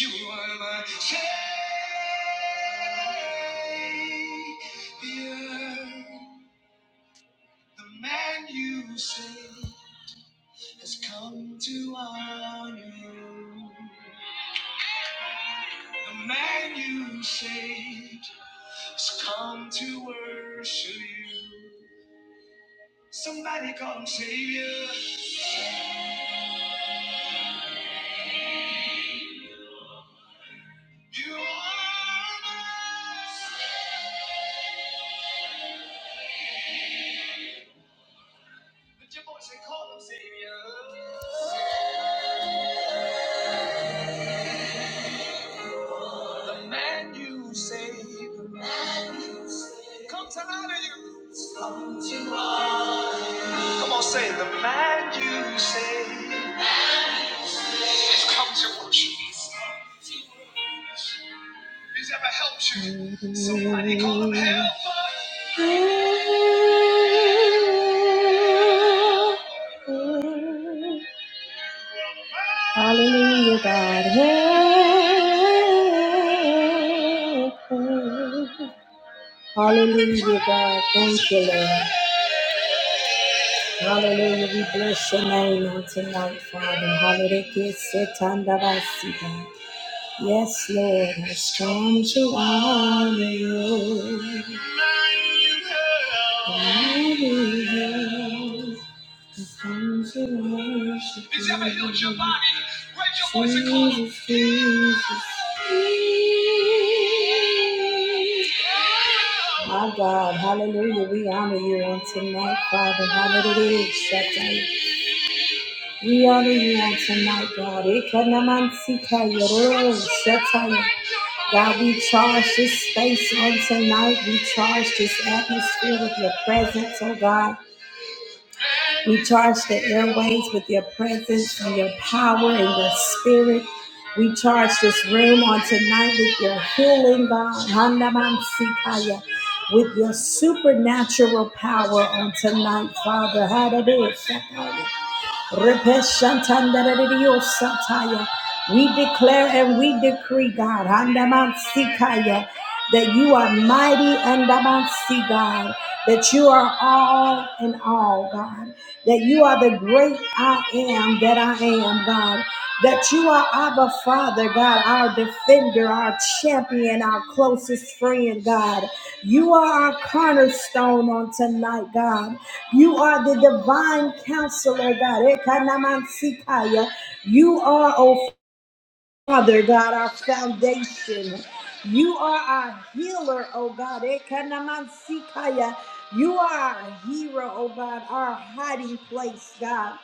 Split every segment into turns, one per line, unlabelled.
You are my savior. The man you saved has come to honor you. The man you saved has come to worship you. Somebody call him Savior. You are mine. Lift your voice and call him Savior. The man you saved. The man you saved. Come to out of your roots. Come to our Come on, say the man you saved. Has come to worship. Has come to worship. Who's ever helped you. Somebody call him helper. Hallelujah, God. help. Hallelujah, God. Thank you, Lord. Hallelujah. We bless your name on tonight, Father. Hallelujah. Setanda basika. Yes, Lord, the storms are on you. The storms are on you. He's ever healed your body. Raise your voice and call him. Jesus, Jesus. My God, hallelujah. We honor you on tonight, Father. Hallelujah. We honor you on tonight, God. Ekanamantika yororo shataya. God, we charge this space on tonight. We charge this atmosphere with your presence, oh God. We charge the airways with your presence and your power and your spirit. We charge this room on tonight with your healing, God. Hanamansikaya. With your supernatural power on tonight, Father. Hallelujah. We declare and we decree, God, that you are mighty Andamansi, God, that you are all in all, God, that you are the great I am that I am, God, that you are Abba Father, God, our defender, our champion, our closest friend, God. You are our cornerstone on tonight, God. You are the divine counselor, God. Ekanamansikaya. You are, oh Father God, our foundation. You are our healer, oh God. Ekanamansikaya. You are our hero, oh God, our hiding place, God.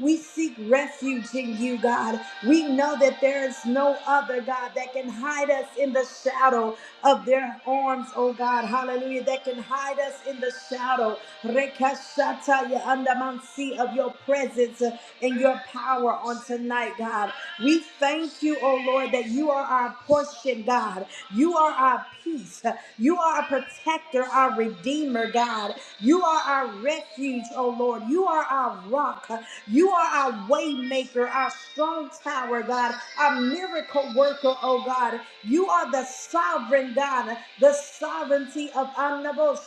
We seek refuge in you, God. We know that there is no other, God, that can hide us in the shadow of their arms, oh God. Hallelujah. That can hide us in the shadow. Rekashataya andamansi of your presence uh, and your power on tonight, God. We thank you, oh Lord, that you are our portion, God. You are our peace. You are our protector, our redeemer, God. You are our refuge, oh Lord. You are our rock. You are our way maker, our strong tower, God, our miracle worker, oh God. You are the sovereign God, the sovereignty of Annabo.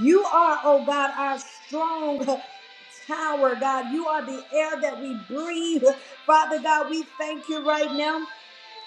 You are, oh God, our strong tower, God. You are the air that we breathe. Father God, we thank you right now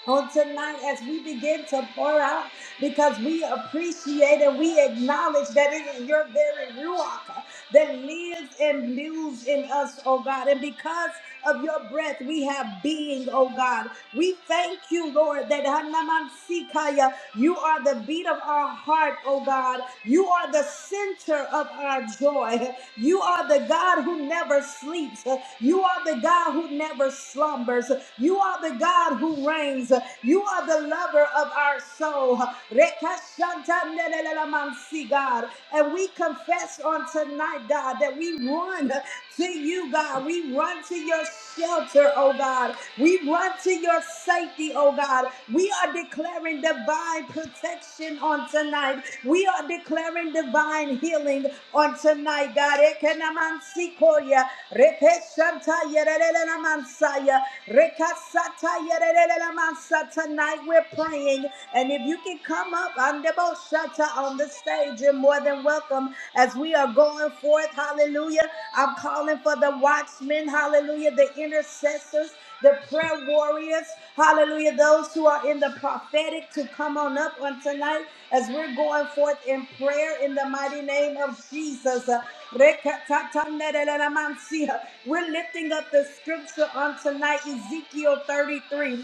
on tonight as we begin to pour out because we appreciate and we acknowledge that it is your very Ruach that lives and lives in us, oh God. And because of your breath, we have being, oh God. We thank you, Lord, that Hanaman Sikaya, you are the beat of our heart, oh God. You are the center of our joy. You are the God who never sleeps. You are the God who never slumbers. You are the God who reigns. You are the lover of our soul. Rekashantanelelelamansi, God. And we confess on tonight, God, that we run to you, God. We run to your shelter, oh God. We run to your safety, oh God. We are declaring divine protection on tonight. We are declaring divine healing on tonight, God. Ekenamansi koya, repeshantayerere la mansaya. Rekasata yerele la mansa. Tonight we're praying, and if you can come up on the boshata on the stage, you're more than welcome as we are going forth. Hallelujah. I'm calling for the watchmen, hallelujah, the intercessors, the prayer warriors, hallelujah, those who are in the prophetic to come on up on tonight as we're going forth in prayer in the mighty name of Jesus. Rekatatanderelamansia. We're lifting up the scripture on tonight, Ezekiel 33.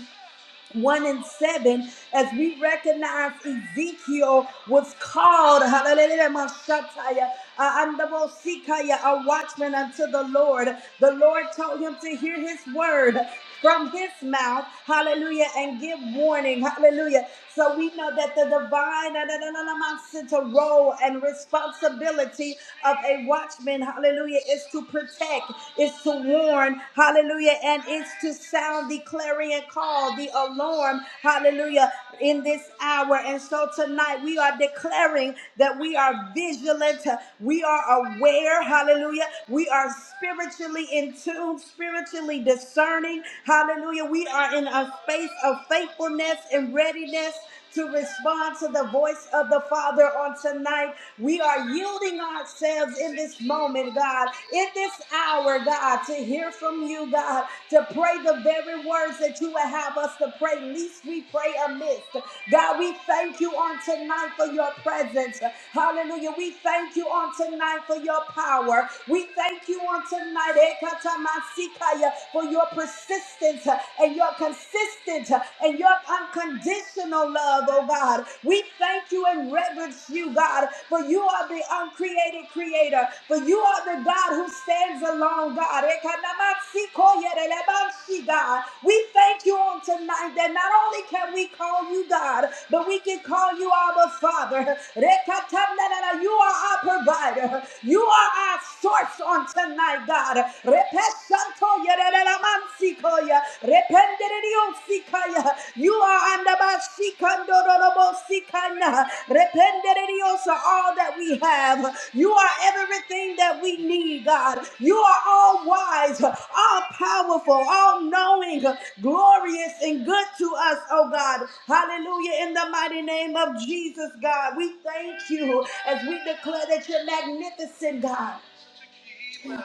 1 and 7, as we recognize Ezekiel was called, hallelujah, mashataya, uh, andamosikaya, a watchman unto the Lord. The Lord told him to hear his word from his mouth, hallelujah, and give warning morning. Hallelujah. So we know that the divine uh, na- na- na- na- na- na- role and responsibility of a watchman, hallelujah, is to protect, is to warn, hallelujah, and it's to sound the clarion call, the alarm, hallelujah in this hour. And so tonight we are declaring that we are vigilant, we are aware, hallelujah. We are spiritually in tune, spiritually discerning, hallelujah. We are in a space of faithfulness and readiness to respond to the voice of the Father on tonight. We are yielding ourselves in this moment, God, in this hour, God, to hear from you, God to pray the very words that you would have us to pray. Least we pray amiss. God, we thank you on tonight for your presence. Hallelujah. We thank you on tonight for your power. We thank you on tonight Ekatamasikaya, for your persistence eh, and your consistent eh, and your unconditional love, oh God. We thank you and reverence you, God, for you are the uncreated creator, for you are the God who stands alone, God. Ekanamasikoyerelebanshi, God. We thank you on tonight and not only can we call you God, but we can call you our Father. Rekatamnanana, You are our provider. You are our source on tonight, God. Repesanto yerelelamansikoya, rependeriosikaya. You are andabashikandorolobosikana, rependeriosa, all that we have. You are everything that we need, God. You are all wise, all powerful, all knowing glorious and good to us, oh God. Hallelujah. In the mighty name of Jesus, God, we thank you as we declare that you're magnificent, God.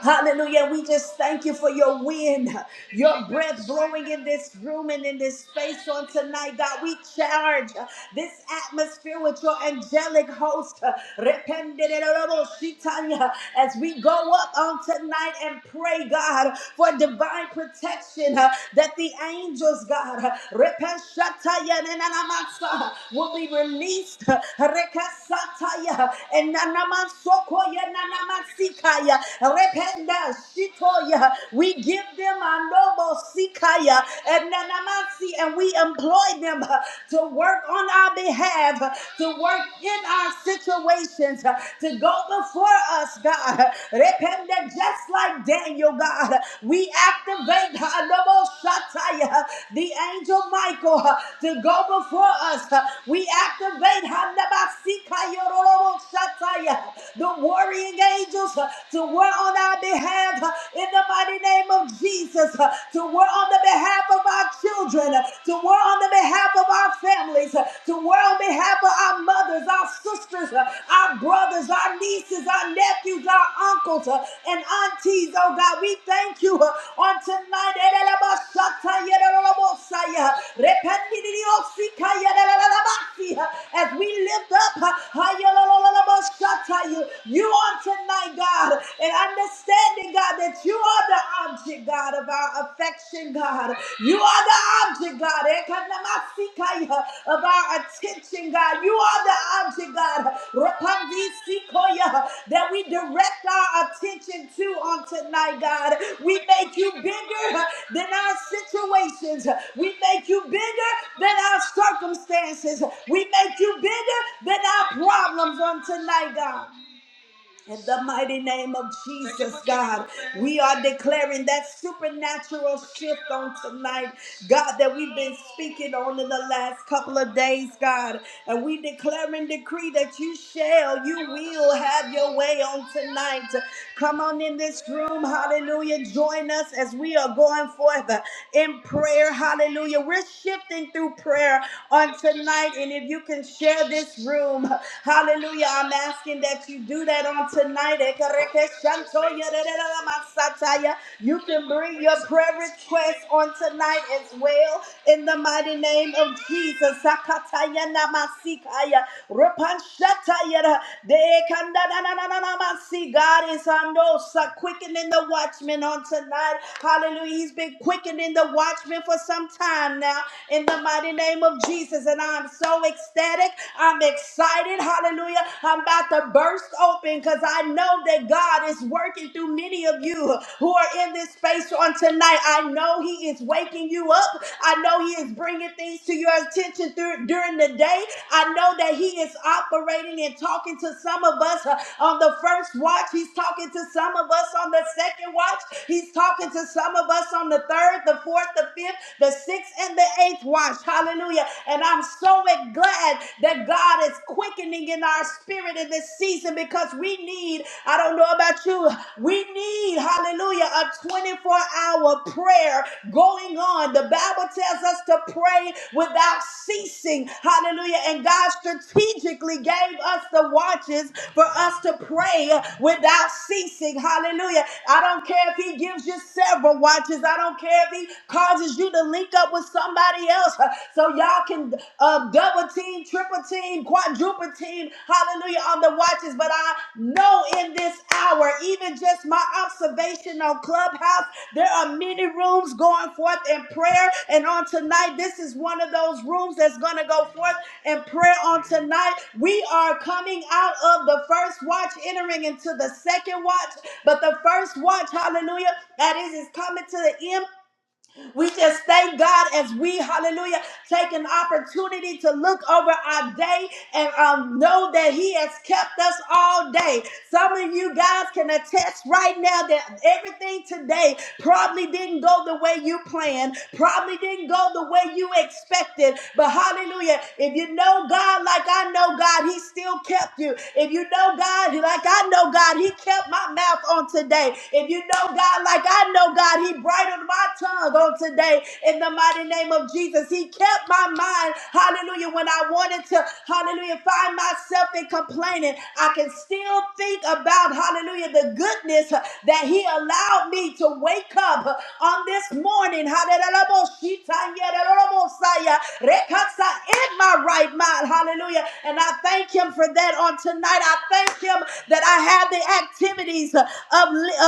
Hallelujah. We just thank you for your wind your breath blowing in this room and in this space on tonight, God. We charge uh, this atmosphere with your angelic host. uh, Rependidoboshitanya, As we go up on tonight and pray, God, for divine protection uh, that the angels, God, uh, Repenshataya Nenanamasa, will be released. uh, Rekasataya and Nanamasokoya Nanamasika. Shikaya, Rependa, Shitoya, we give them Andobo Sikaya and Nanamansi, and we employ them uh, to work on our behalf, uh, to work in our situations, uh, to go before us, God. Repent that just like Daniel, God. We activate uh, Andobo Shataya, uh, the angel Michael uh, to go before us. Uh, We activate Handabasikaya Rorobo Shataya, the warrior angels uh, to war on our behalf uh, in the mighty name of Jesus, uh, to work on the behalf of our children, uh, to work on the behalf of our families, uh, to work on behalf of our mothers, our sisters, uh, our brothers, our nieces, our nephews, our uncles, uh, and aunties. Oh God, we thank you uh, on tonight. As we lift up uh, you on tonight mind, God, and understanding, God, that you are the object, God, of our affection, God. You are the object, God, Ekanamasika, of our attention, God. You are the object, God, Rapandisikoya, that we direct our attention to on tonight, God. We make you bigger than our situations. We make you bigger than our circumstances. We make you bigger than our problems on tonight, God. In the mighty name of Jesus, God, we are declaring that supernatural shift on tonight, God, that we've been speaking on in the last couple of days, God. And we declare and decree that you shall, you will have your way on tonight. Come on in this room, hallelujah. Join us as we are going forth in prayer, hallelujah. We're shifting through prayer on tonight. And if you can share this room, Hallelujah. I'm asking that you do that on tonight. You can bring your prayer requests on tonight as well in the mighty name of Jesus. Sakatayanamasitaya. Repanshatayera. Dekandananananamasi. God is on those uh, quickening the watchmen on tonight. Hallelujah. He's been quickening the watchmen for some time now in the mighty name of Jesus. And I'm so ecstatic. I'm excited. Hallelujah. I'm about to burst open because I know that God is working through many of you who are in this space on tonight. I know He is waking you up. I know He is bringing things to your attention through, during the day. I know that He is operating and talking to some of us uh, on the first watch. He's talking to some of us on the second watch. He's talking to some of us on the third, the fourth, the fifth, the sixth, and the eighth watch. Hallelujah. And I'm so glad that God is quickening in our spirit in this season because we need, I don't know about you, we need, hallelujah, a 24 hour prayer going on. The Bible tells us to pray without ceasing. Hallelujah. And God strategically gave us the watches for us to pray without ceasing. Hallelujah. I don't care if he gives you several watches. I don't care if he causes you to link up with somebody else uh, so y'all can uh, double team, triple team, quadruple team. Hallelujah on the watches. But I know in this hour, even just my observation on Clubhouse, there are many rooms going forth in prayer. And on tonight, this is one of those rooms that's going to go forth and prayer on tonight. We are coming out of the first watch, entering into the second watch. But the first watch, hallelujah, that is, is coming to the end. We just thank God as we, hallelujah, take an opportunity to look over our day and um, know that He has kept us all day. Some of you guys can attest right now that everything today Probably didn't go the way you planned. Probably didn't go the way you expected. But hallelujah, if you know God like I know God, He still kept you. If you know God like I know God, He kept my mouth on today. If you know God like I know God, He bridled my tongue on today. In the mighty name of Jesus, He kept my mind. Hallelujah. When I wanted to, hallelujah, find myself in complaining, I can still think about, hallelujah, the goodness that that He allowed me to wake up on this morning. Hallelujah. Rekatsa, In my right mind. Hallelujah. And I thank Him for that on tonight. I thank Him that I have the activities of,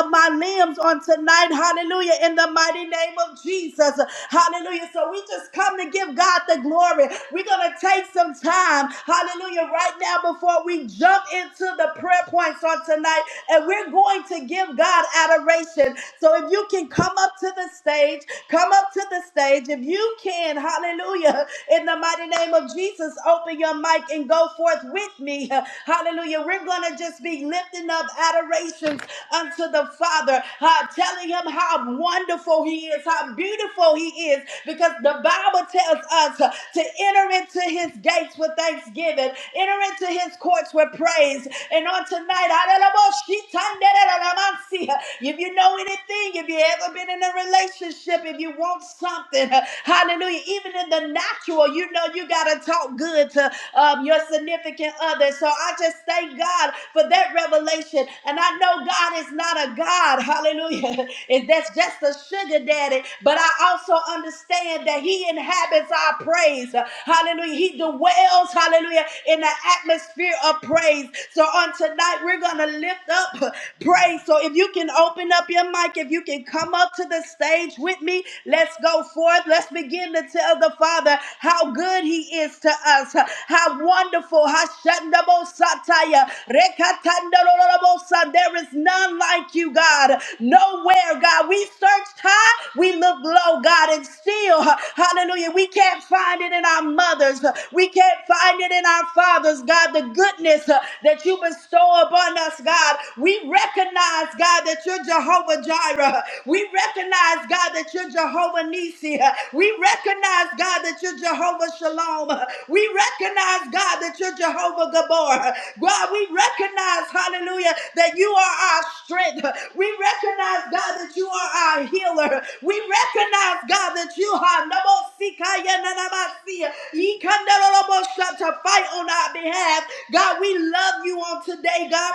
of my limbs on tonight. Hallelujah. In the mighty name of Jesus. Hallelujah. So we just come to give God the glory. We're going to take some time. Hallelujah. Right now, before we jump into the prayer points on tonight, and we're going to give God adoration. So if you can come up to the stage, come up to the stage. If you can, hallelujah, in the mighty name of Jesus, open your mic and go forth with me. Hallelujah. We're going to just be lifting up adorations unto the Father, uh, telling him how wonderful he is, how beautiful he is, because the Bible tells us uh, to enter into his gates with thanksgiving, enter into his courts with praise. And on tonight, Aralaboshitanderamansi, if you know anything, if you ever been in a relationship, if you want something, hallelujah, even in the natural, you know you got to talk good to um, your significant other. So I just thank God for that revelation. And I know God is not a God, hallelujah, if that's just a sugar daddy, but I also understand understand that He inhabits our praise. Hallelujah. He dwells, hallelujah, in the atmosphere of praise. So on tonight, we're going to lift up praise. So if you can open up your mic, if you can come up to the stage with me, let's go forth. Let's begin to tell the Father how good He is to us, how wonderful, how shandabo satire, Atandorolobosa, There is none like you, God. Nowhere, God. We searched high, we looked low, God, and still, hallelujah, we can't find it in our mothers. We can't find it in our fathers, God. The goodness uh, that you bestow upon us, God. We recognize, God, that you're Jehovah Jireh. We recognize, God, that you're Jehovah Nisi. We recognize, God, that you're Jehovah Shalom. We recognize, God, that you're Jehovah Gabor. God, we recognize, hallelujah, that you are our strength. We recognize, God, that you are our healer. We recognize, God, that you are Namosikaya Nanamasi, Ikandarabosha, to fight on our behalf. God, we love you on today, God.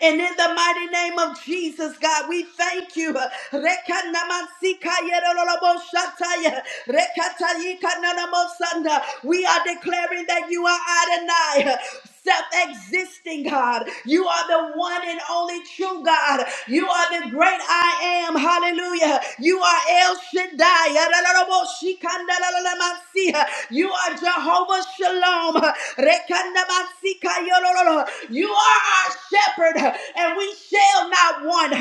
And in the mighty name of Jesus, God, we thank you. Rekanamansikayeroloboshataya, rekatayikananamosanda. We are declaring that you are Adonai. Self existing God. You are the one and only true God. You are the great I am. Hallelujah. You are El Shaddai. Yarararaboshikandaralamansi. You are Jehovah Shalom. Rekandamansikayololo. You are our shepherd, and we shall not want.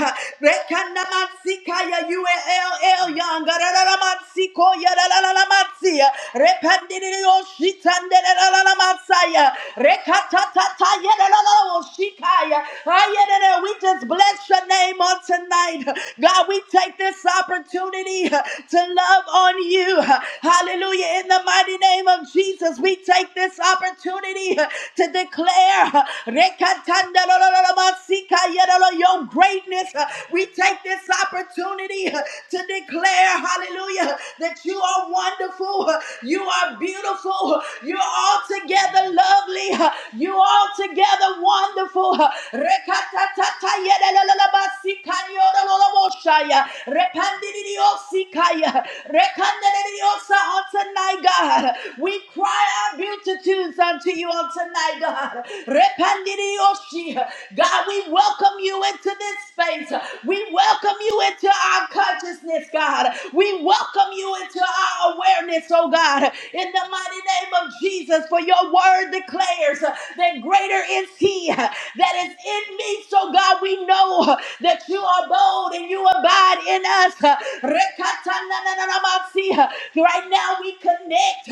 Rekanamatsikaya ULL Young, Rararamatsikoya, Rararamatsia, Repandirio Shitanderararamatsaya, Rekatatataya, Rararamoshikaya. Ayerere, We just bless your name on tonight. God, we take this opportunity to love on you. Hallelujah. In the mighty name of Jesus, we take this opportunity to declare. Rekatandalololomasika, Your greatness. Uh, We take this opportunity uh, to declare, hallelujah, that you are wonderful. uh, You are beautiful. uh, You're altogether lovely. uh, You're altogether wonderful. uh, Rekatatatayelololomasika, Yolololomoshaya, Repandidiyosikaya, Rekandadidiyosa, On tonight, God, we cry our beautitudes unto you on tonight, God. God. Repandirioshi. God, we welcome you into this space. We welcome you into our consciousness, God. We welcome you into our awareness, oh God. In the mighty name of Jesus, for your word declares that greater is he that is in me. So God, we know that you are bold and you abide in us. Rekatanananamasi. Right now we connect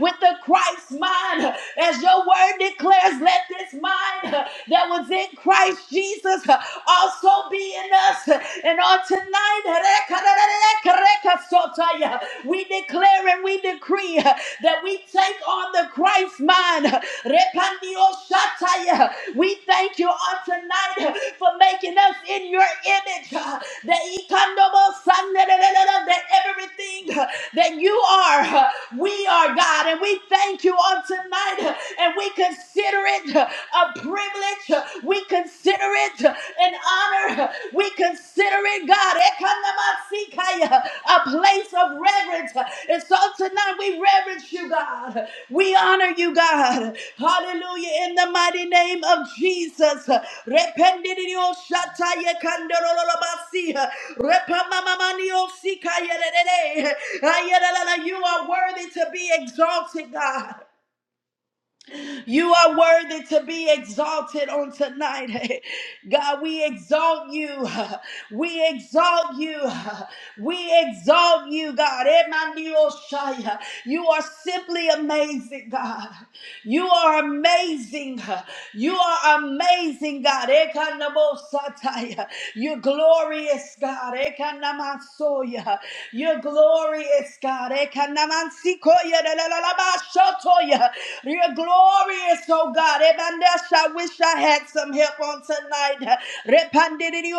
with the Christ mind as your word word declares, let this mind uh, that was in Christ Jesus uh, also be in us. And on tonight, rekarererekerekasotaya, we declare and we decree uh, that we take on the Christ mind. Repandioshataya. We thank you on tonight uh, for making us in your image. uh, That ikandobosanerererere, that everything uh, that you are, uh, we are God. And we thank you on tonight. God, and we consider it a privilege. We consider it an honor. We consider it, God, ekanamasikaya, a place of reverence. And so tonight we reverence you, God. We honor you, God. Hallelujah. In the mighty name of Jesus. Rependidio shataya kandorololobasi. Repamamamanio sikaya dedede. Ayadalala, You are worthy to be exalted, God. You are worthy to be exalted on tonight. God, we exalt you. We exalt you. We exalt you, God. Emanioshaya. You are simply amazing, God. You are amazing. You are amazing, God. Ekanabosataya. You're glorious, God. Ekanamasoya. You're glorious, God. Ekanamantsikoya dalalalabashotoya. You're glorious, oh God. Ebandesha, I wish I had some help on tonight.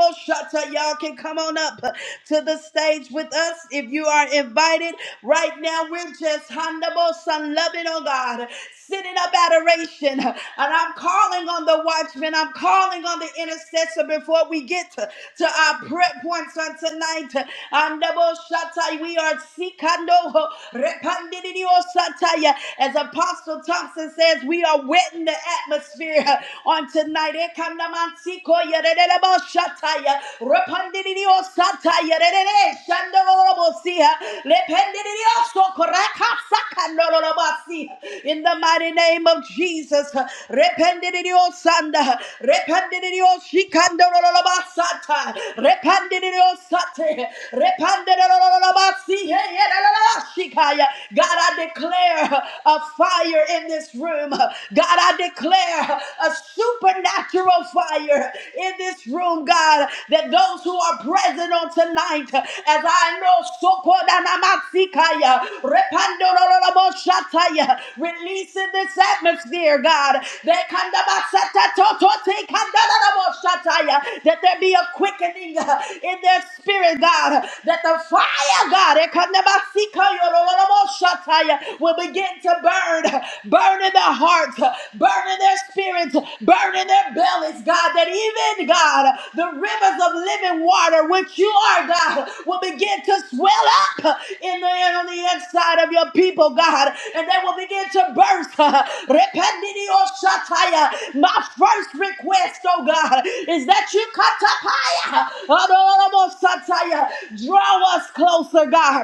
Y'all can come on up to the stage with us if you are invited. Right now, we're just Handabosan loving on God, sitting up adoration. And I'm calling on the watchman, I'm calling on the intercessor before we get to, to our prayer points on tonight. Handabosatai, We are Sikando Repandidio Sataya. As Apostle Thompson says, we are wetting the atmosphere on tonight. Yere kandamantsiko yerere bashataya. Repandirio sataya yerere shandorobosia. Lependirio sokoraka sakandorobosia. In the mighty name of Jesus. Repandirio sanda. Repandirio shikandorobasata. Repandirio sate. Repandirorobosia yerere shikaya. God, I declare a fire in this room. God, I declare a supernatural fire in this room, God, that those who are present on tonight, as I know, Sokodanamasikaya, Repandoroloboshataya, release in this atmosphere, God, that Kandamasatatotote Kandaraboshataya, that there be a quickening uh, in their spirit, God, that the fire, God, Ekandamasikaya, Rololoboshataya, will begin to burn, burn in their hearts, burn in their spirits, burn in their bellies, God, that even, God, the rivers of living water, which you are, God, will begin to swell up in the on the inside of your people, God, and they will begin to burst. Rependidio shataya. My first request, oh God, is that you katapaya, adorable sataya, draw us closer, God.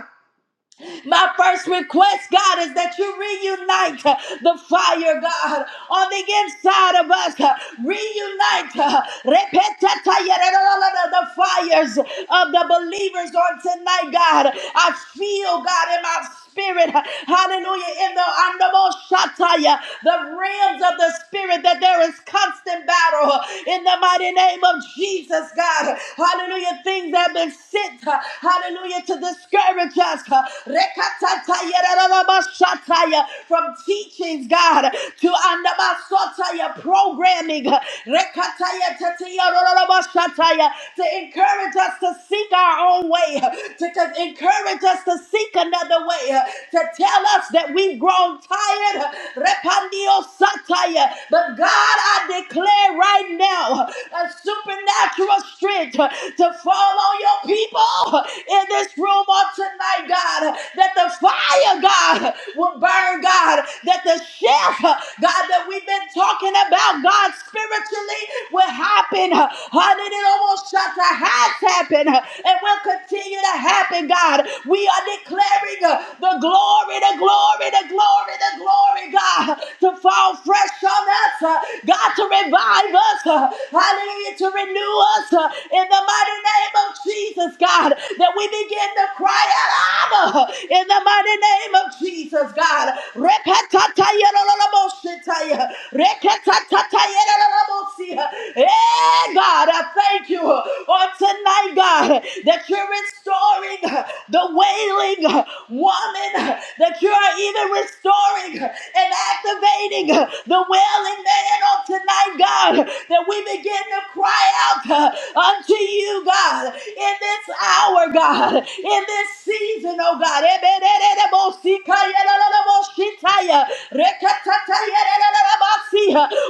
My first request, God, is that you reunite uh, the fire, God, on the inside of us. uh, Reunite uh, repetatayarararara, the fires of the believers on tonight, God. I feel, God, in my spirit. Hallelujah. In the Andamoshataya, the realms of the spirit, that there is constant battle uh, in the mighty name of Jesus, God. Hallelujah. Things that have been sent, uh, hallelujah, to discourage us us uh, rekatatayararabashataya, from teachings, God, to andabasotaya, programming uh, rekatayatatayararabashataya, to encourage us to seek our own way, uh, to to encourage us to seek another way, uh, to tell us that we've grown tired. uh, repandiosataya. But God, I declare right right now a supernatural strength to fall on your people in this room on tonight, God. That the fire, God, will burn, God. That the shift, God, that we've been talking about, God, spiritually will happen. Honey, it almost shut the has happened and will continue to happen, God. We are declaring uh, the glory glory, the glory, the glory, the glory, God, to fall fresh on us, uh, God, to revive us, uh, hallelujah, to renew us uh, in the mighty name of Jesus, God, that we begin to cry out, Abba, in the mighty name of Jesus, God. Rekatatatayerololoboshitaya, rekatatatayerololobosi, eh, God, I thank you uh, on tonight, God, that you're restoring uh, the wailing uh, woman, uh, that you are even restoring uh, and activating uh, the wailing man on tonight, God, that we begin to cry out uh, unto you, God, in this hour, God, in this season, oh God shitaya. Rekatataya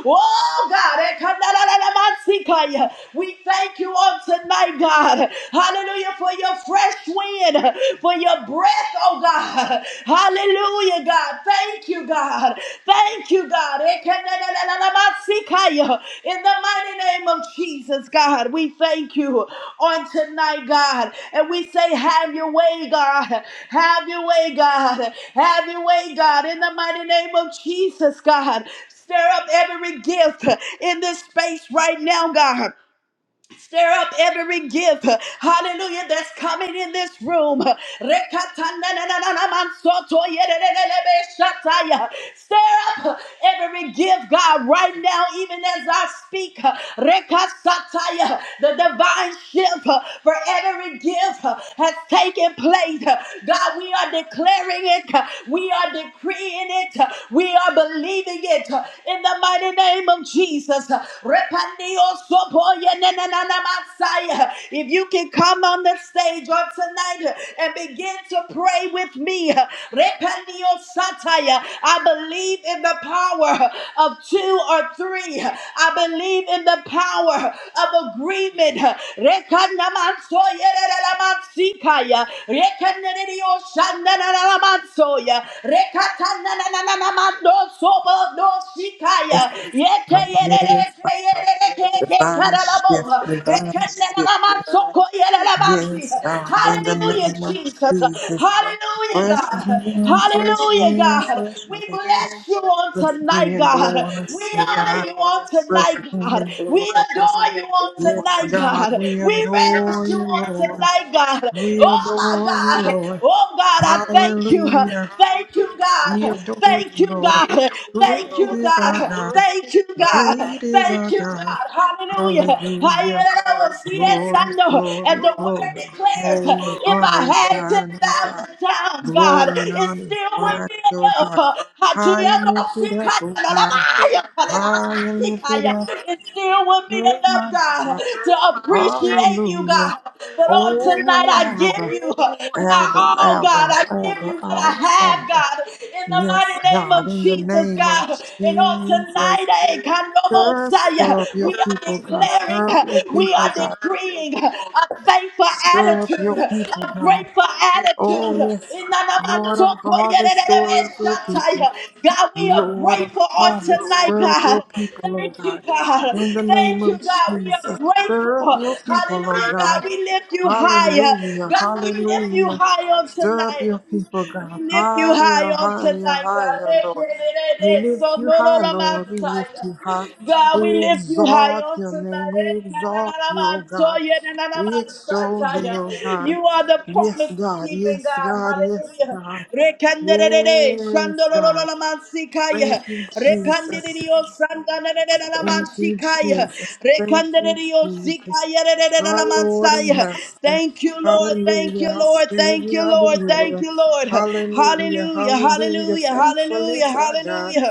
Oh God, ekanarararabansikaya. we thank you on tonight, God. Hallelujah for your fresh wind, for your breath, oh God. Hallelujah, God. Thank you, God. Thank you, God. Ekanarararabansikaya. In the mighty name of Jesus, God, we thank you on tonight, God. And we say, Have your way, God. Have your way, God. Have your way, God. In the mighty name of Jesus, God. Stir up every gift in this space right now, God. Stir up every gift, hallelujah, that's coming in this room. Rekatanananamansotoyerelelebeshataya. Stir up every gift, God, right now, even as I speak. Rekasataya. The divine shift for every gift has taken place. God, we are declaring it, we are decreeing it, we are believing it in the mighty name of Jesus. Repandio if you can come on the stage on tonight and begin to pray with me, I believe in the power of two or three. I believe in the power of agreement.
This is my Yes,
Rekata
divine shift, divine shift. Yes, God, in the
Hallelujah,
name of
Jesus.
Jesus.
Hallelujah,
Fresh
God.
wind, fresh
Hallelujah,
wind,
God.
fresh
We
wind,
bless you on
fresh
tonight,
wind blow
God.
on
We
us, oh God.
honor you on
Fresh
tonight, God.
wind
We
blow on us.
adore you on
Yes,
tonight,
God,
God.
we
We reverence
adore
you
you,
on
Lord.
tonight, God.
We
Oh, my
adore you,
God.
Lord.
Oh, God, I thank you.
Hallelujah.
Thank you,
We
God.
adore
Thank you
you,
you,
Lord.
God. Thank
Great
you,
is our
God.
God.
Thank you, God.
Great is our
Thank you,
God.
God. Hallelujah.
Hallelujah.
I am yes,
Glory,
I know. And
glory,
the word
glory,
declares,
glory and
if
honor is
I had
thine, O God.
10,000 times, God,
Glory and
it
honor is
still wouldn't
thine,
be
O God.
enough. Hallelujah.
High and lifted up, O God. High and lifted up,
It still wouldn't be
O
enough,
my
God,
God.
to appreciate you,
Hallelujah.
God. But on tonight,
Oh,
I give
Abba,
you my
Abba,
all, God.
Abba,
I give you
Abba,
what I
our
have,
Father.
God, in the
Yes,
mighty name
God,
of
in the
Jesus,
name of
God. And on
Jesus,
tonight, eh,
stir,
Kandobosaya,
stir up
we
your
are
people, God.
declaring,
Stir up your
we
people,
are
God.
decreeing a thankful
Stir up your
attitude,
people,
a
God.
grateful
Oh,
attitude.
yes, Lord of harvest, Lord of your people.
God, we are
Lord of
grateful on
harvest,
tonight,
stir up
God.
your people, O
Thank you,
God.
God.
In the name
Thank you,
of
God. We
Jesus,
are grateful.
stir up your people, O
Hallelujah, God.
God.
We lift you higher.
Hallelujah,
God, we lift you
hallelujah.
high on
Stir up
tonight.
your people,
We
God.
lift you high
Higher,
on
higher,
tonight, God.
higher, Lord. We lift
So
you
no no
high,
no
Lord. We lift
Messiah.
you high.
God, we
We
lift you high
exalt
on
your name.
tonight.
We exalt you, O God. We extol thee, O God.
You are the
Yes,
promise
God.
keeping
Yes,
God.
God. Yes,
Hallelujah.
God.
Rekanderere,
Yes, God.
shandololololamansikaya.
Thank you, Jesus.
Repandererio,
Thank you,
sandanererelalamansikaya.
Jesus. Thank you,
Rekandererio,
Jesus. Our Lord and
sikayererelalamansiya.
Master.
Thank you, Lord. Thank
Hallelujah.
you,
Our
Lord. Thank you,
Savior, our
Lord. Thank
Deliverer.
you, Lord.
Hallelujah.
Hallelujah.
Hallelujah.
Hallelujah.
Faithful
Hallelujah.
is our God.
Hallelujah.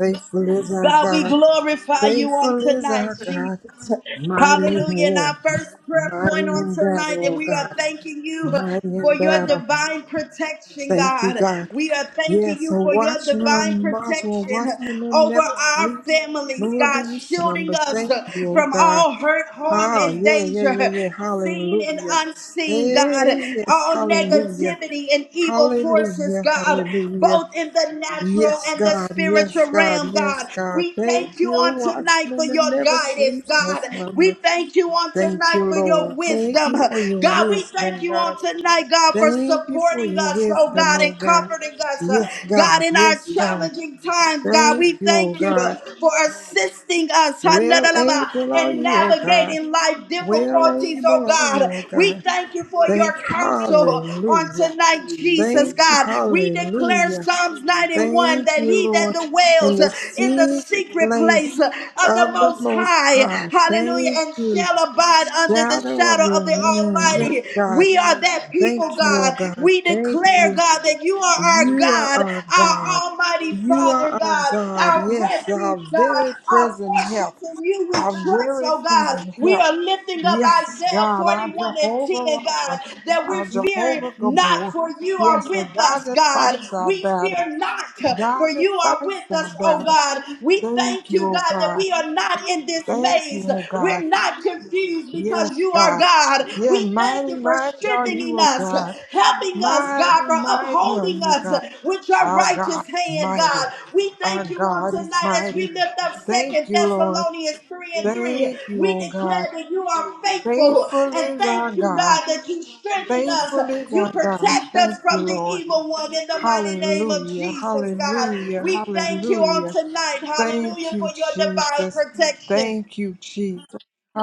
Faithful is our
God, we
God.
glorify you on
Faithful is our
tonight,
God.
Jesus.
Mighty in
Hallelujah. And our
war.
first prayer point
Mighty
on
in
tonight,
battle,
and
oh
we are
God.
thanking you
Mighty
for
in
your
battle.
divine protection,
Thank you,
God.
God.
We are thanking
Yes,
you
a
for your
watchman of
divine
Modular, a
protection
watchman that
over
never
our
sleeps,
families,
nor do
God,
you
shielding
slumber.
us
Thank you, oh
from
God.
all hurt, harm,
Ah,
and
yeah, yeah, yeah,
danger
yeah.
seen and
Hallelujah.
unseen, God.
Hey, yes,
All
hallelujah.
negativity and evil forces,
Hallelujah,
God,
hallelujah.
both in the natural
Yes,
and the
God, yes,
spiritual
God,
realm, God.
yes, God.
We
Thank
thank you
you, a
on tonight for
watchman that
your
never
guidance,
sleeps nor
God. We
slumber.
thank you on
Thank
tonight
you,
for your
Lord. Thank
wisdom.
you for your
God, we thank
wisdom,
you
God.
on tonight, God, for
Thank you for
supporting
your
us, oh
wisdom,
God,
oh
and
God.
comforting us, uh,
Yes,
God,
God.
in our
Yes, God.
challenging times, God.
Thank
We
you, O
thank you uh,
God.
for assistance assisting us
Well
Hanadalaba,
able are
in
you, O God.
navigating life
Well
difficulties, oh
able are
God.
you, O
We
God.
thank you for
Thank
your counsel on
hallelujah.
tonight, Jesus,
Thank you,
God. We declare
hallelujah.
Psalms 91
Thank
that
you,
he that
Lord. In
dwells
the
in the
secret
secret place
place
of the
of the
Most
Most
High,
High.
hallelujah,
Thank
and
you.
shall abide under the
Shadow of
shadow
your
of the
wing. Yes,
Almighty.
God.
We are that
Thank
people,
you, O
God.
God.
We
Thank
declare,
you.
God, that you are our
You
God
are
God,
our
our
God.
Almighty
You are
Father,
our
God,
God.
our
Yes,
refuge,
our
God,
very
our
present
fortress
help.
in you we
Our
trust,
very
oh God.
present
We
help.
are lifting up
Yes,
Isaiah
God, our
41 and
Jehovah
10, God,
Rapha,
that
our
we're fearing
Jehovah
not,
Gabor.
for you are
Yes, the
with
God
us,
that
God.
fights our
We
battles.
fear not, for
God that
you are
fights
with
our
us, oh
battles.
God. We
Thank
thank you,
you,
God,
oh
that
God.
we are not in
Thank you,
dismays.
oh
We're
God.
not confused
Yes,
because you are
God.
God.
Yeah,
We thank
mighty,
you for
mighty are
strengthening
you, oh God.
us helping us,
Mighty,
God, for
mighty are
upholding
you,
us
God.
with your
Our God,
righteous hand,
mighty.
God. We
Our
thank you on
God is
tonight as
mighty.
we lift up
Thank
Second
you, Lord.
Thessalonians 3 and 3.
Thank you,
We
oh God.
declare that you are faithful
Faithful
and
is our
thank you, God,
God.
that you strengthen us.
Faithful is
You
our God.
protect us
Thank
from
you,
the
Lord.
evil one in the mighty name of
Hallelujah.
Jesus, God.
Hallelujah.
We thank you on
Hallelujah.
tonight,
Thank
hallelujah, for
you,
your divine
Jesus.
protection.
Thank you, Jesus.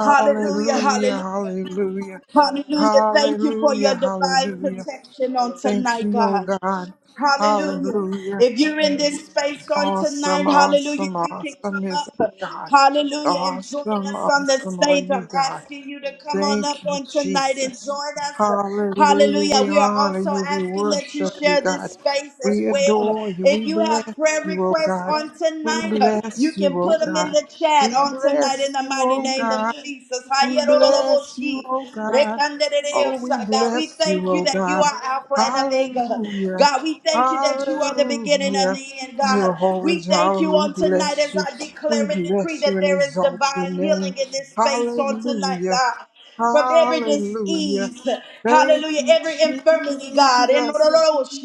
Hallelujah, hallelujah,
Hallelujah.
hallelujah. Thank you for your
Hallelujah.
divine
Hallelujah.
protection on
Thank
tonight,
you, oh
God.
God.
Hallelujah.
Hallelujah.
If you're in this space on
Awesome,
tonight, hallelujah,
awesome,
you can
awesome
come
is
up.
our God.
Hallelujah. And join
Awesome,
us on the
awesome are
stage.
you,
I'm
God.
asking you to come on up
Thank you,
on tonight and
Jesus.
join us.
Hallelujah.
Hallelujah.
We
We are
honor
also
you. We
asking that you
worship you,
share this
God.
space as
We
well.
adore you.
If
We
you
bless
have prayer
you, oh
requests
God.
on
We
tonight, uh, you
bless you,
can
oh
put them in
God.
the chat
We
on tonight in
bless
the
you,
mighty
oh
name of
God.
Jesus.
We bless you,
Hayerololoboshi.
oh God. Oh, we
Rekanderereosa. God, we
bless you,
thank you
oh
that you
God.
are Alpha and Omega.
Hallelujah.
God, we thank you that you are the beginning and
Hallelujah.
the end, God.
Jehovah
We thank
Jireh,
you
we
on tonight
bless
as
you.
I
We
declare and decree
bless you
that
and
there is
exalt your
divine
name.
healing in this space on tonight,
Hallelujah.
God from every
Hallelujah.
disease.
Thank
Hallelujah.
you,
Every infirmity, God. In
Jesus.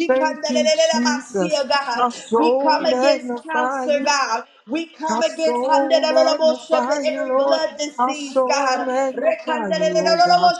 Thank you, Jesus. Our
God. We
soul
come against
magnify
cancer,
you.
God. We come
Our
against
soul magnify you,
every
Lord.
blood
Our
disease,
soul
God.
magnify you, oh God.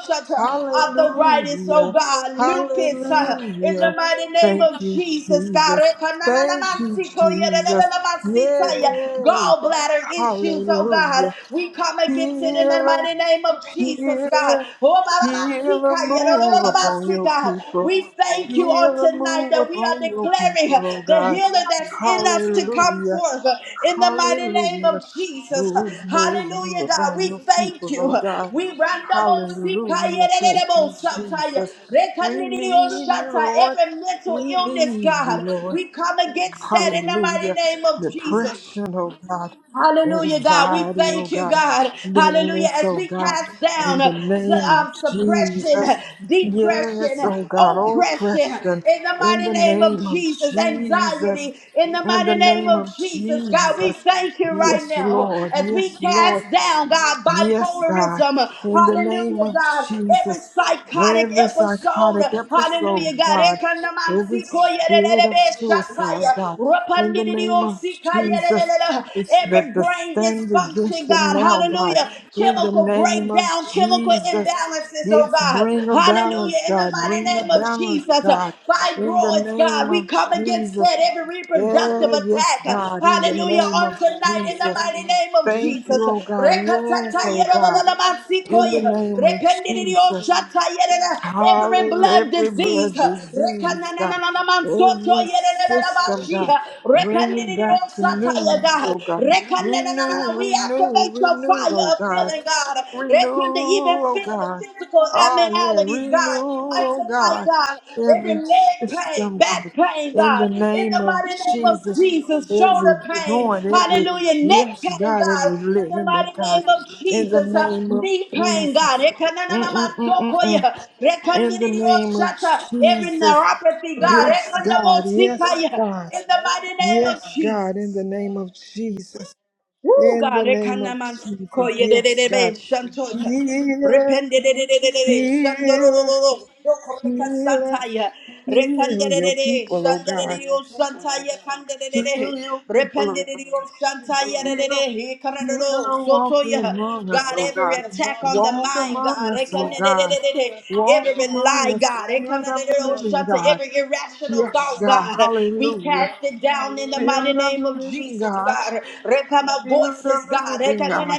Arthritis, oh
Hallelujah.
God. Lupus. uh, In the
Hallelujah.
mighty name of
Thank you,
Jesus, God.
Jesus. Thank you, Jesus. Yay.
Gallbladder issues, oh God.
Hallelujah.
We come against it in the
Healer.
mighty name of Jesus, God.
Heal,
Oh, ba, ba, ba, see,
heal a
God. Yeah,
move upon your
God.
people.
We thank you on
Heal a
tonight
move
that we are
upon your
declaring
people, oh
the
God.
healer that's in us to come
Hallelujah,
forth in the mighty name
hallelujah.
of Jesus.
Move, move, move
Hallelujah, God.
upon
We
your
thank
people, oh
you.
God.
We random see, God. Yeah,
Hallelujah,
da, da,
thank
da,
you, Jesus. We need you, Lord.
Every mental
We
illness,
need you,
God,
Lord.
we come against that in the mighty
Hallelujah.
name of Jesus.
Depression, oh God.
Hallelujah, God. We
Anxiety, oh
thank you,
God.
God. Hallelujah.
Bitterness,
As
oh
we
God.
cast
In
down uh,
the
su-
name of
um, suppression,
Jesus.
uh, depression,
Yes,
uh,
oh God.
oppression
Oppression.
in the
In
mighty
the
name of
name of
Jesus,
Jesus.
anxiety in the
In
mighty
the
name
name
of
of
Jesus, God. We
Jesus.
thank you right
Yes,
now
Lord.
as we
Yes, Lord.
cast down, God,
Yes, God,
bipolarism. uh,
in the name
Hallelujah,
of
God.
Jesus,
Every psychotic
every
episode.
psychotic
uh, Hallelujah,
episode,
God.
God, every
Ekanamansi
spirit of
koyerelelebe
suicide,
shataya.
God, in the name of
Rapandidiosi
Jesus,
kayerelela
it's the,
every
the
brain
stand
dysfunction,
against it
God,
now, God,
hallelujah,
in the
chemical
name of
breakdown, chemical
Jesus.
imbalances, oh
Yes,
God,
bring a
hallelujah,
balance,
in the
God,
mighty
bring a
name of
balance,
Jesus, uh,
God, in the
fibroids, God,
name
we
of
come against
Jesus.
that every reproductive
Yeah,
attack,
yes,
uh,
God, in the
hallelujah,
name
on
of
tonight, in the
Jesus.
mighty name of
Thank you,
Jesus,
oh God. Yes, oh God. In the
Rekatayerodododobasikoye,
name of Jesus.
rependidioshatayereda, every
Hallelujah.
blood
Every
disease,
blood
uh,
disease, God. Every system, God.
rekananananamansotoyeredododobashiha,
Bring it back to
rependidiosataya, Father
newness,
God.
oh God. Renew,
Rekanenanana, We
renew,
activate your
renew,
fire
oh
of
God.
healing, God.
Renew,
Rekan to even
oh
feel the
God.
physical
Oh, yeah.
abnormalities,
Renew,
God. I
oh
tonight,
God.
God, every
Every
leg pain,
system,
back
God.
pain,
In the
God, in
name
the
of
mighty name of
Jesus.
Jesus, shoulder
Every
pain,
joint, every,
hallelujah, neck
yes,
pain,
God,
God,
every
in the
ligament,
mighty
God.
name of
In the
Jesus, uh,
name of
knee pain, God,
Jesus. Mm-mm-mm-mm-mm.
Ekananamasokoya,
In the name of
rekandidiyoshata, every
Jesus.
neuropathy, God,
Yes, God. Yes,
Ekandabosikaya,
God.
in the mighty name of
Yes, God. In
Jesus.
the name of Jesus.
Woo,
In the
God,
name of
ekanaman siko
Jesus. Yes,
yedededebe
God.
shantoya.
Healer.
Rependededededebe
Healer,
shandorororo. Sokoreka
healer,
sataya.
heal your
Rekandededede
people, oh God.
shandadedio shantaya kandededede.
Heal your people, oh
Rependededio
God.
shantaya dedede.
Heal,
Ikarandoro
heal, walk
sotoya.
among us,
God,
oh
every
God.
attack on the
Walk
mind,
among
God,
us, oh God.
ekanedededede.
Walk
every
among
lie,
us,
God,
Spirit of the
ekanedededeo
living
shanta.
God.
every irrational
Yes,
thought,
God,
God, we
hallelujah.
cast it down in the mighty
Spirit of
name
the
of
living
Jesus,
God,
God. Repama
Spirit of
voices,
the
God.
living God.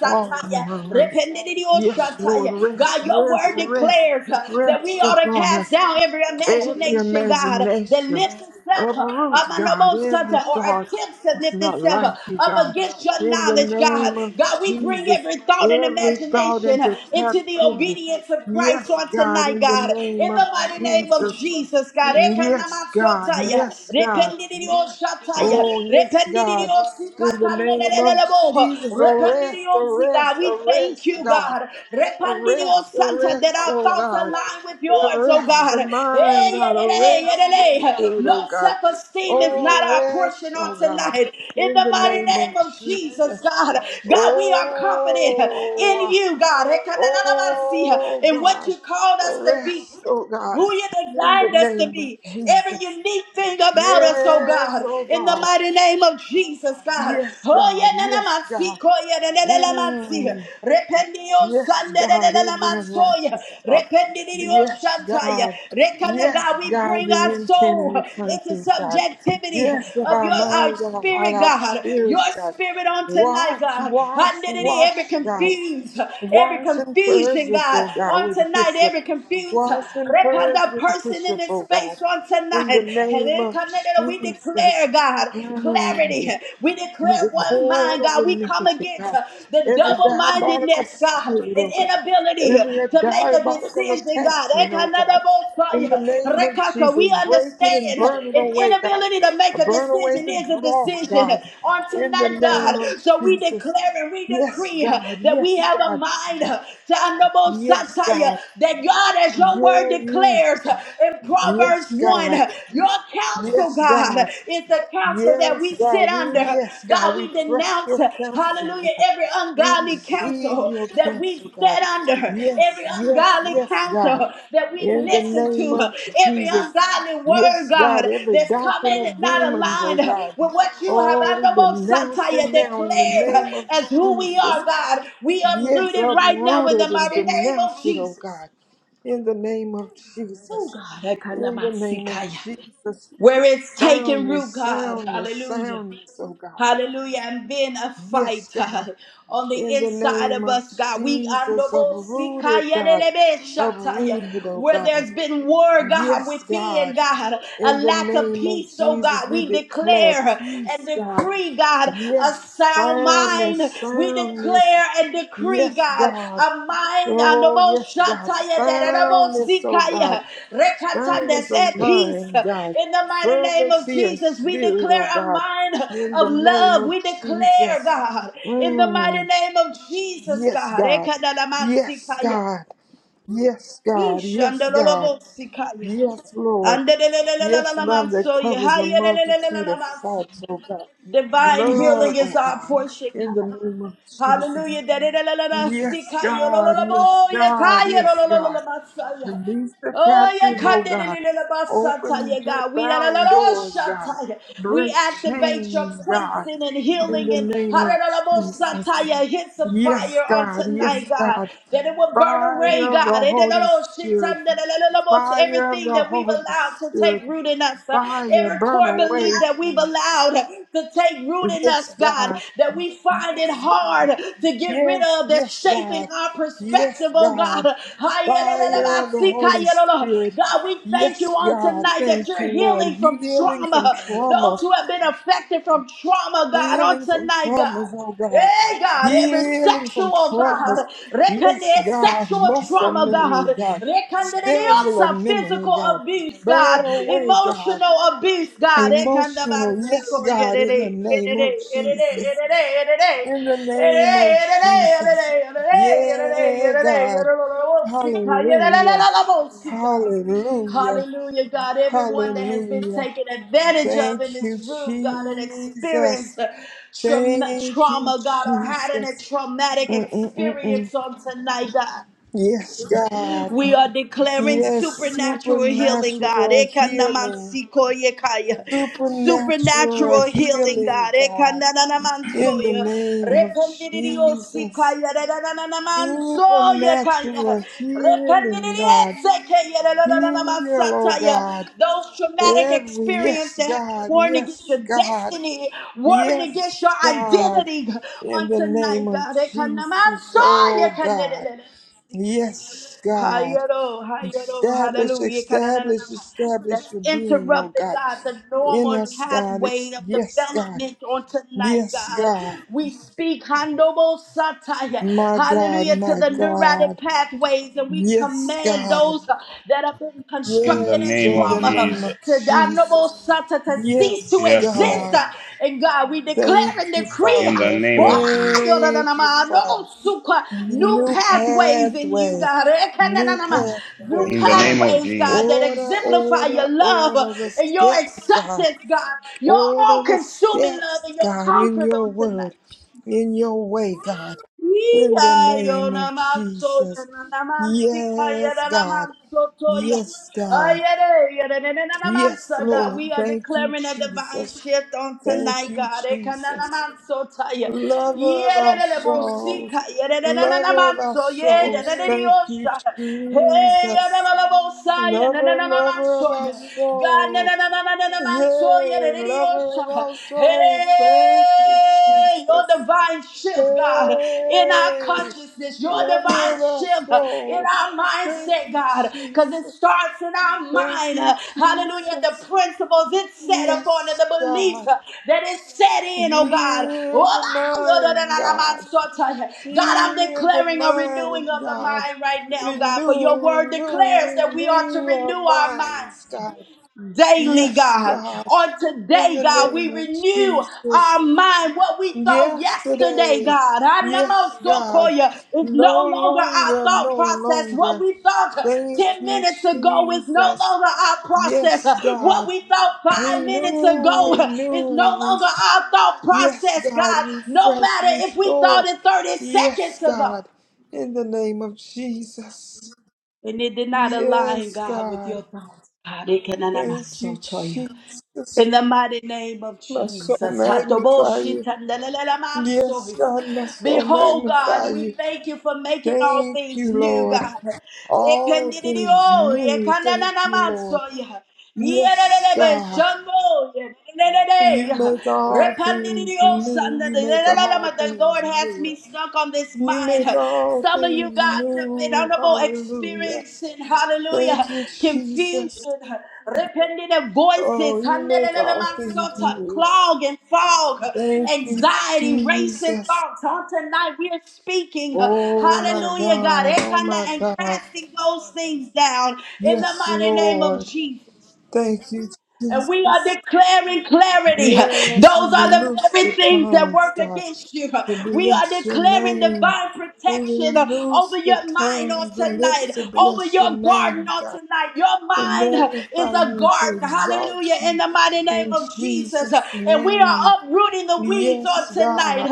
Walk among us. Yes, Lord,
Rependidiyoshataya.
rest,
God, your word
rest, rest,
declares uh, that we
rest
ought to
upon
cast
us.
down every
Every
imagination, God, that
imagination
lifts itself uh, up
uproot,
on the
God,
most center
every
or
thought
attempts to
that's
lift
not
itself uh,
like you,
up
God.
against your
In the
knowledge, God.
name of
God, we bring
Jesus,
every thought and
every thought
imagination
into
uh, into the
captivity.
obedience of Christ
Yes,
on
God,
tonight,
in the
God.
name
In
of
the mighty name of
Jesus.
Jesus, God
Yes, God,
masotaya,
yes, God.
rependidio shataya,
Oh, yes, God.
rependidio
In the name of
sikatanelelelebo,
Jesus, arrest,
rependidio siga.
arrest,
We thank
arrest,
you,
God.
God. Rependidio
Arrest,
santa that
arrest,
our
oh
thoughts
God.
align with yours, oh
Arrest the
God. Eh,
mind, God.
yedele,
Arrest the
yedele.
spirit, oh
No
God.
self-esteem is
Oh,
not our
arrest,
portion
oh
on
God.
tonight. In
In
the
the
mighty
name of
name of Jesus,
Jesus.
God. God, we are confident in
Oh,
you, God. Rekananamansi,
oh
In what
God.
you called us to be
Arrest, oh God.
who you
In the
designed us to
name of
be, every
Jesus.
unique thing about us, oh
Yes,
God,
oh
in the
God.
mighty name of Jesus, God.
Yes,
Oh,
God.
yeah, na na ma
Yes,
si
God.
ko yeah, na na na na ma si.
Mm.
Rependi yo san
Yes,
na na
God,
na na na
every
ma so yeah.
unrighteous thought.
Rependi di yo
Yes,
shanta yeah.
God.
Rekanda
Yes,
God, we
God,
bring
the
our
intent
soul
and the
into
content, God.
subjectivity
Yes, of
of
our
your our
minds and our heart,
spirit,
our
God. Your
spirits, God.
spirit on tonight,
Wash,
God.
wash,
Hallelujah. Every
wash, God.
confused, every
Wash and purge
confusion,
us,
God,
oh God,
on
with
tonight,
hyssop.
every confused,
Wash and
Repa,
purge
the
with
person in
hyssop,
this
oh God.
space on
In the
tonight.
name of
We declare,
Jesus.
God,
Mm
clarity. We declare
every
one
cord
mind,
of
God. We come
iniquity,
against
God,
uh, the
every
double
diabolical
mindedness, God,
spirit,
and
oh God,
inability
every
to make a
diabolical
decision, God.
attachment, oh God. In the
Ekanadabosaya,
name of
We
Jesus, break it and
understand
burn it
an
away, God.
inability to make a
Burn away
decision
the
is a
dross,
decision
God.
on
In the
tonight,
name
God.
of
So we declare
Jesus.
and we
Yes,
decree uh,
God.
that we
Yes,
have a
God.
mind, uh, to
Yes,
Anabosataya,
God.
that God. God, as your word
Yeah, you.
declares in Proverbs
Yes,
1,
God.
your counsel,
Yes,
God,
God.
is the counsel that
Yes,
we
God.
sit
We,
under.
yes, God.
God,
We
we
trust
denounce,
your counsel, God.
hallelujah, every
We
ungodly
receive
counsel
your
that we've
counsel, God.
sat under, every
Yes, yes,
ungodly
yes, God.
counsel that we
In the
listen
name
to,
of
every
Jesus.
ungodly word,
Yes, God,
God,
every
that's
doctrine
coming
of
not
demons, oh
aligned
God.
with what you have
Oh, we
under most
denounce
satire
it now in the
declared
name of
as who we
Jesus.
are, God. We
Yes,
uprooted right now
uproot
in the
it and
mighty name of
denounce it, oh
Jesus.
God. In the name of
Oh
Jesus.
God, I kind of
In
my
the name of
sikaya.
Jesus.
where it's taking root,
Soundness,
God,
soundness,
hallelujah.
soundness, oh God.
Hallelujah, and being a
Yes,
fight uh,
God.
on the
In the
inside
name
of
of
us, God. We
Jesus,
andobo
uprooted,
sikaya
God.
delebe shataya.
Uprooted, oh
where
God.
there's been war, God,
Yes,
within,
God.
God, a
In the
lack of
name of
peace, oh
Jesus,
God.
we
We
declare
declare and
peace, God.
decree, God, a
Yes,
sound
soundness,
mind. We declare
soundness.
declare and decree,
Yes,
God,
God.
a mind on the
Oh,
most
yes, God.
shataya that and the most
Soundness, oh God.
sikaya rekatan
Soundness
that's
of
at peace.
mind, God.
In the mighty name of
Fervency and
Jesus, we
spirit,
declare
oh
a
God.
mind
In
of
the name
love.
of
We declare,
Jesus.
God, in the
Mm.
mighty name of Jesus,
Yes,
God,
God.
rekada la
Yes,
rekadalamansikaya,
God. Yes, God. Yes, God.
ishandalolobosikaya,
Yes, Lord. Yes, love that
andelelelelelelamansoye,
covers a multitude of
hayelelelelelelamansa.
faults, oh God.
divine
Love,
healing
oh
is our
God.
portion.
In the name of Jesus.
Hallelujah. That it- la- la- la- la- si-
Yes,
ka- yo- lo- lo-
God.
lo-
Yes,
bo- ye- ka-
God.
ye- lo-
Yes,
lo- lo- lo-
God.
lo- ba- sa- ya.
Release the
Oh, yeah,
captive,
ka-
oh
de- de-
God.
de- de- de- ba- sa- ta-
Open
ya,
the
God. We la- la- la-
bound
la-
doors,
sha-
God.
ta- ya. We
Break
activate your
chains, God.
cleansing and
In
healing
the
and
name
ha- da-
of
da- da- bo- sa-
Jesus.
ta- ya. hits of
Yes,
fire on
God. Yes,
tonight, God.
God.
That it will burn away,
Fire of
God.
the
Eh, da- da-
Holy
da- shi- ta-
Spirit,
da- da- da- da- da- bo-
fire of
Everything
the
that we've
Holy
allowed to take
Spirit,
root in us, uh,
fire,
every
burn
core hard
away.
belief that we've allowed to take root in us,
Yes,
God,
God,
that we find it
yes, God,
hard to get rid
yes,
of, that's
yes, God,
shaping our
yes,
perspective, oh
God,
God.
fire of the Holy Spirit.
God, we thank you
Yes,
on
God,
tonight that
thank
you're
you, Lord.
healing from
Healing from
trauma.
trauma,
Those who have been affected from trauma, God, on
Healing from
tonight, God.
traumas, oh God.
Hey God, every
Healing from
sexual
traumas.
God,
Yes,
recognize
God.
sexual
Muscle
trauma, God,
memory, God. Cellular
recognize
memory,
physical
God.
abuse,
Burn
God,
away, God.
emotional abuse, God,
Emotional, yes, God, in the name of Jesus. In the name of Jesus. Yeah, God. Hallelujah.
God.
Hallelujah.
Hallelujah, God. Everyone that has been
Hallelujah.
taken advantage of in
Thank
this
you,
room, God, and
Jesus.
experienced uh, trauma,
Thank you,
trauma, God, or had a
Jesus.
traumatic
Mm-mm-mm-mm.
experience on tonight, God.
Yes, God.
We are declaring
Yes,
supernatural healing, God.
supernatural healing.
Ekanamantsikoyekaya.
Supernatural
Supernatural healing,
healing,
God.
God. In the
Ekanananamansoya.
name of Jesus.
Rependidiyosikaya. Redanananamansoyekaya.
Supernatural healing, God.
Rependidiyetsekaya.
Heal, oh
Redanananamasataya.
God.
Those traumatic
Every,
experiences
yes,
that have been
God.
warring
Yes,
against your
God.
destiny, warring
Yes,
against your
God.
identity on
In the name
tonight,
of
God. Ekanamansoyekaya.
Jesus, oh God. Yes, God.
Hayaro, hayaro,
Establish,
hallelujah.
establish,
kananananama.
establish
That's
your being, oh
interrupted,
God.
God, the
In
normal
us, God.
pathway
It's,
of
yes, God.
development on tonight,
Yes,
God.
God.
We speak handobo satire,
My God,
hallelujah, to
my
the neurotic
God.
pathways, and we
Yes,
command
God.
those uh, that have been
In the
constructed in
Yes,
name
in
of
the
trauma uh,
name of
to
Jesus.
Jesus.
handobo satire to cease to
Yes,
Yes, Lord.
exist.
God.
uh, And God, we declare
Thank
and
you,
decree.
In
uh,
the
Father.
Oh,
name of
my,
Thank you,
Jesus.
yodananama, no,
Father.
suka, New
New
pathways in you,
pathway,
God.
new
Ekananama, New
pathway,
In the
God.
name of
pathways, God, that
Order,
Jesus.
exemplify
order,
your love
order the
and your
steps, God.
acceptance, God. Your all
Order the
consuming love
steps,
and your
God, in
comfort
your
on tonight.
word, in your way, God. In the
Iya, yo
name of
namaso, yo
Jesus.
namansika, yo
Yes, God.
namasotoya.
Yes, God.
Ayere, yere, nene,
Yes,
nanamansa, God, we
Lord.
are
Thank you,
declaring a divine
Jesus.
shift on
Thank
tonight,
you,
God.
Jesus.
Ekananamansotaya.
Lover of
Yere,
our
nene,
souls,
bosika, yere, nene,
lover of our
nanamanso, yere,
souls,
nene,
thank you,
diosa. Hey, yere,
Jesus.
nene, bosa, yere, nene,
Lover, lover
nanamanso,
of our
yere. God,
soul,
nene, nene, nene, nanamanso, yere,
yay,
nene,
lover of our
diosa. Hey,
souls, thank you,
your
Jesus.
divine shift, God, in our
Hey,
consciousness, your
lover
divine
of our
shift in
soul,
our
thank
mindset,
you,
God, because it
Jesus.
starts in our
Thank
mind.
you,
Hallelujah. The
Jesus.
principles it's set upon and
Yes,
the beliefs
God.
uh, that is set in, oh
You
God.
are mine, God.
God, I'm
Heal the
declaring a renewing
mind,
of the
God.
mind right now, God, for
Renew,
your word
renew,
declares that we are to
renew
renew
our
our mind
minds, God.
daily,
Yes,
God.
God.
On
In
today,
the
God,
name
we
of
renew
Jesus.
our mind. What we thought
Yes,
yesterday,
today.
God,
Yes, God.
Anamosokoya, is
No
no longer our
longer,
thought
no
process. What
longer.
we thought uh,
Thank
10
you,
minutes ago is no
Jesus.
longer our process. Uh,
Yes,
What
God.
we thought five minutes
Renew,
ago uh, is no longer
renew.
our thought
Yes,
process,
God,
God. No
refresh,
matter if we thought
restore.
it 30
Yes,
seconds ago
God, in the name of Jesus.
and it did not align,
Yes,
God, with
God.
your thoughts. God, it
Thank you,
can In
Jesus.
the mighty name of
My soul
Jesus.
magnify you. Yes,
Hatoboshitandalalamansoya.
God, my soul
Behold,
magnify
God, we
you.
thank you for making all
Thank
things
you,
new,
Lord.
God.
All things
Rependidio,
new. Thank you, Lord.
yekananamansoya.
Yes, God.
Yerelelebeshanoya,
You
lelelele.
make all things
Rependidio,
new. You make all
sandalalalalama. The
things
Lord has
new.
me stuck on this
You
mind.
make all
Some of you
things
guys have been
new.
honorable
Hallelujah.
experiencing,
Thank
hallelujah,
you, Jesus.
confusion, repetitive voices,
Oh, you make all things
hallelujah,
new.
clog and fog,
Thank you,
anxiety, racing
Jesus.
thoughts. On tonight, we are speaking,
Oh, my
hallelujah, God,
God. Oh, my
and
God.
casting those things down in the
Yes,
mighty name of
Lord.
Jesus.
Thank you,
And we are
Jesus.
declaring clarity.
Yes, we
Those are the
loose the
very things that
tongues,
work
God,
against you.
to
We are
bless your
declaring
name.
divine
We will
protection uh, over
loose the
your mind on
tongues, the
tonight,
lips to
over
bless your
your garden
name, God.
on tonight. Your
to
mind uh, is
magnify
a
you and to
garden.
exalt
Hallelujah. In
you
the mighty name
in
of Jesus. Uh,
Jesus'
And we
name.
are uprooting the weeds on
Yes,
tonight.
God,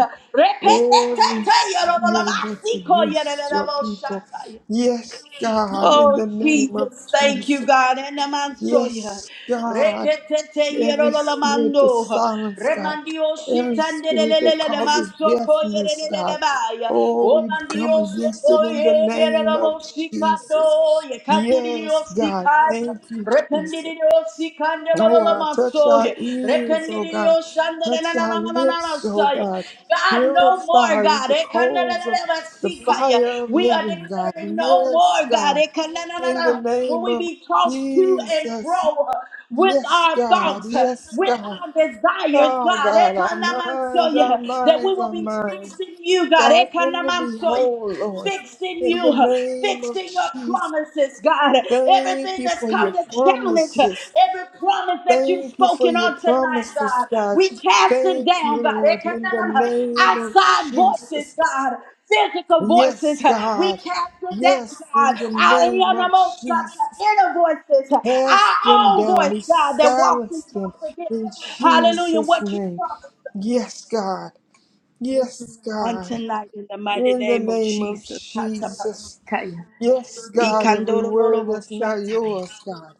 every spirit that's against your people.
Uh,
Yes, God, in
Oh,
the name of
Jesus, thank you,
Jesus.
God. And the man saw you.
Yes, God,
Reketete
every spirit that
yerololamando.
silences God,
Remandio
every spirit that
shitandelelelele
causes
mansoko
deafness, God.
yerelelelebaya.
Oh, we come
Omandio
against it
soko
in the name of
yerelelebo shikando.
Jesus. Yes,
Yekandirio
God,
sikaya.
thank you, Jesus.
Rependidio si
Oh,
candelala
I touch our
masoya.
ears, oh
Rependidio
God. Touch our lips, oh
shandanananananananasaya.
God.
God, no more,
Purify
God.
the
Eh,
coals of the
kandanananasikaya.
fire of
We are
heaven, God.
declaring no
Yes,
more, God.
God.
Eh,
In the
kandananana. When
name
we
of
be tossed to and fro
Jesus.
uh, with
Yes,
our
God.
thoughts, uh,
Yes,
with
God.
our desires,
Oh,
God. Eh,
God. Our minds, our
kandamansoya. That we
minds,
will
our
be fixed
minds.
in you, God. Eh,
Cause them to be
kandamansoya.
whole, Lord.
Fixing
In the
you,
name of
fixing your
Jesus.
promises, God.
Thank
Everything
you
that's
for
come
your
to challenge,
promises.
every promise that you've
Thank you for
spoken
your
on tonight,
promises,
God.
God.
We cast it
Thank you,
down, God.
Lord, in the name of
Outside voices,
Jesus.
God. Physical voices,
Yes,
we
God.
cast it
Yes,
down, God.
in the
Our
name of Jesus.
inner voices,
Cast them
our own
down.
voice,
We
God, that walks and
silence them
talks against.
in
Hallelujah.
Jesus'
What you
name.
promised us, God
Yes, God. Yes,
on
God.
tonight in the mighty
In the
name of
name of
Jesus.
Jesus. Yes, God, every word that's not
Ikandororoboshantai.
yours, God.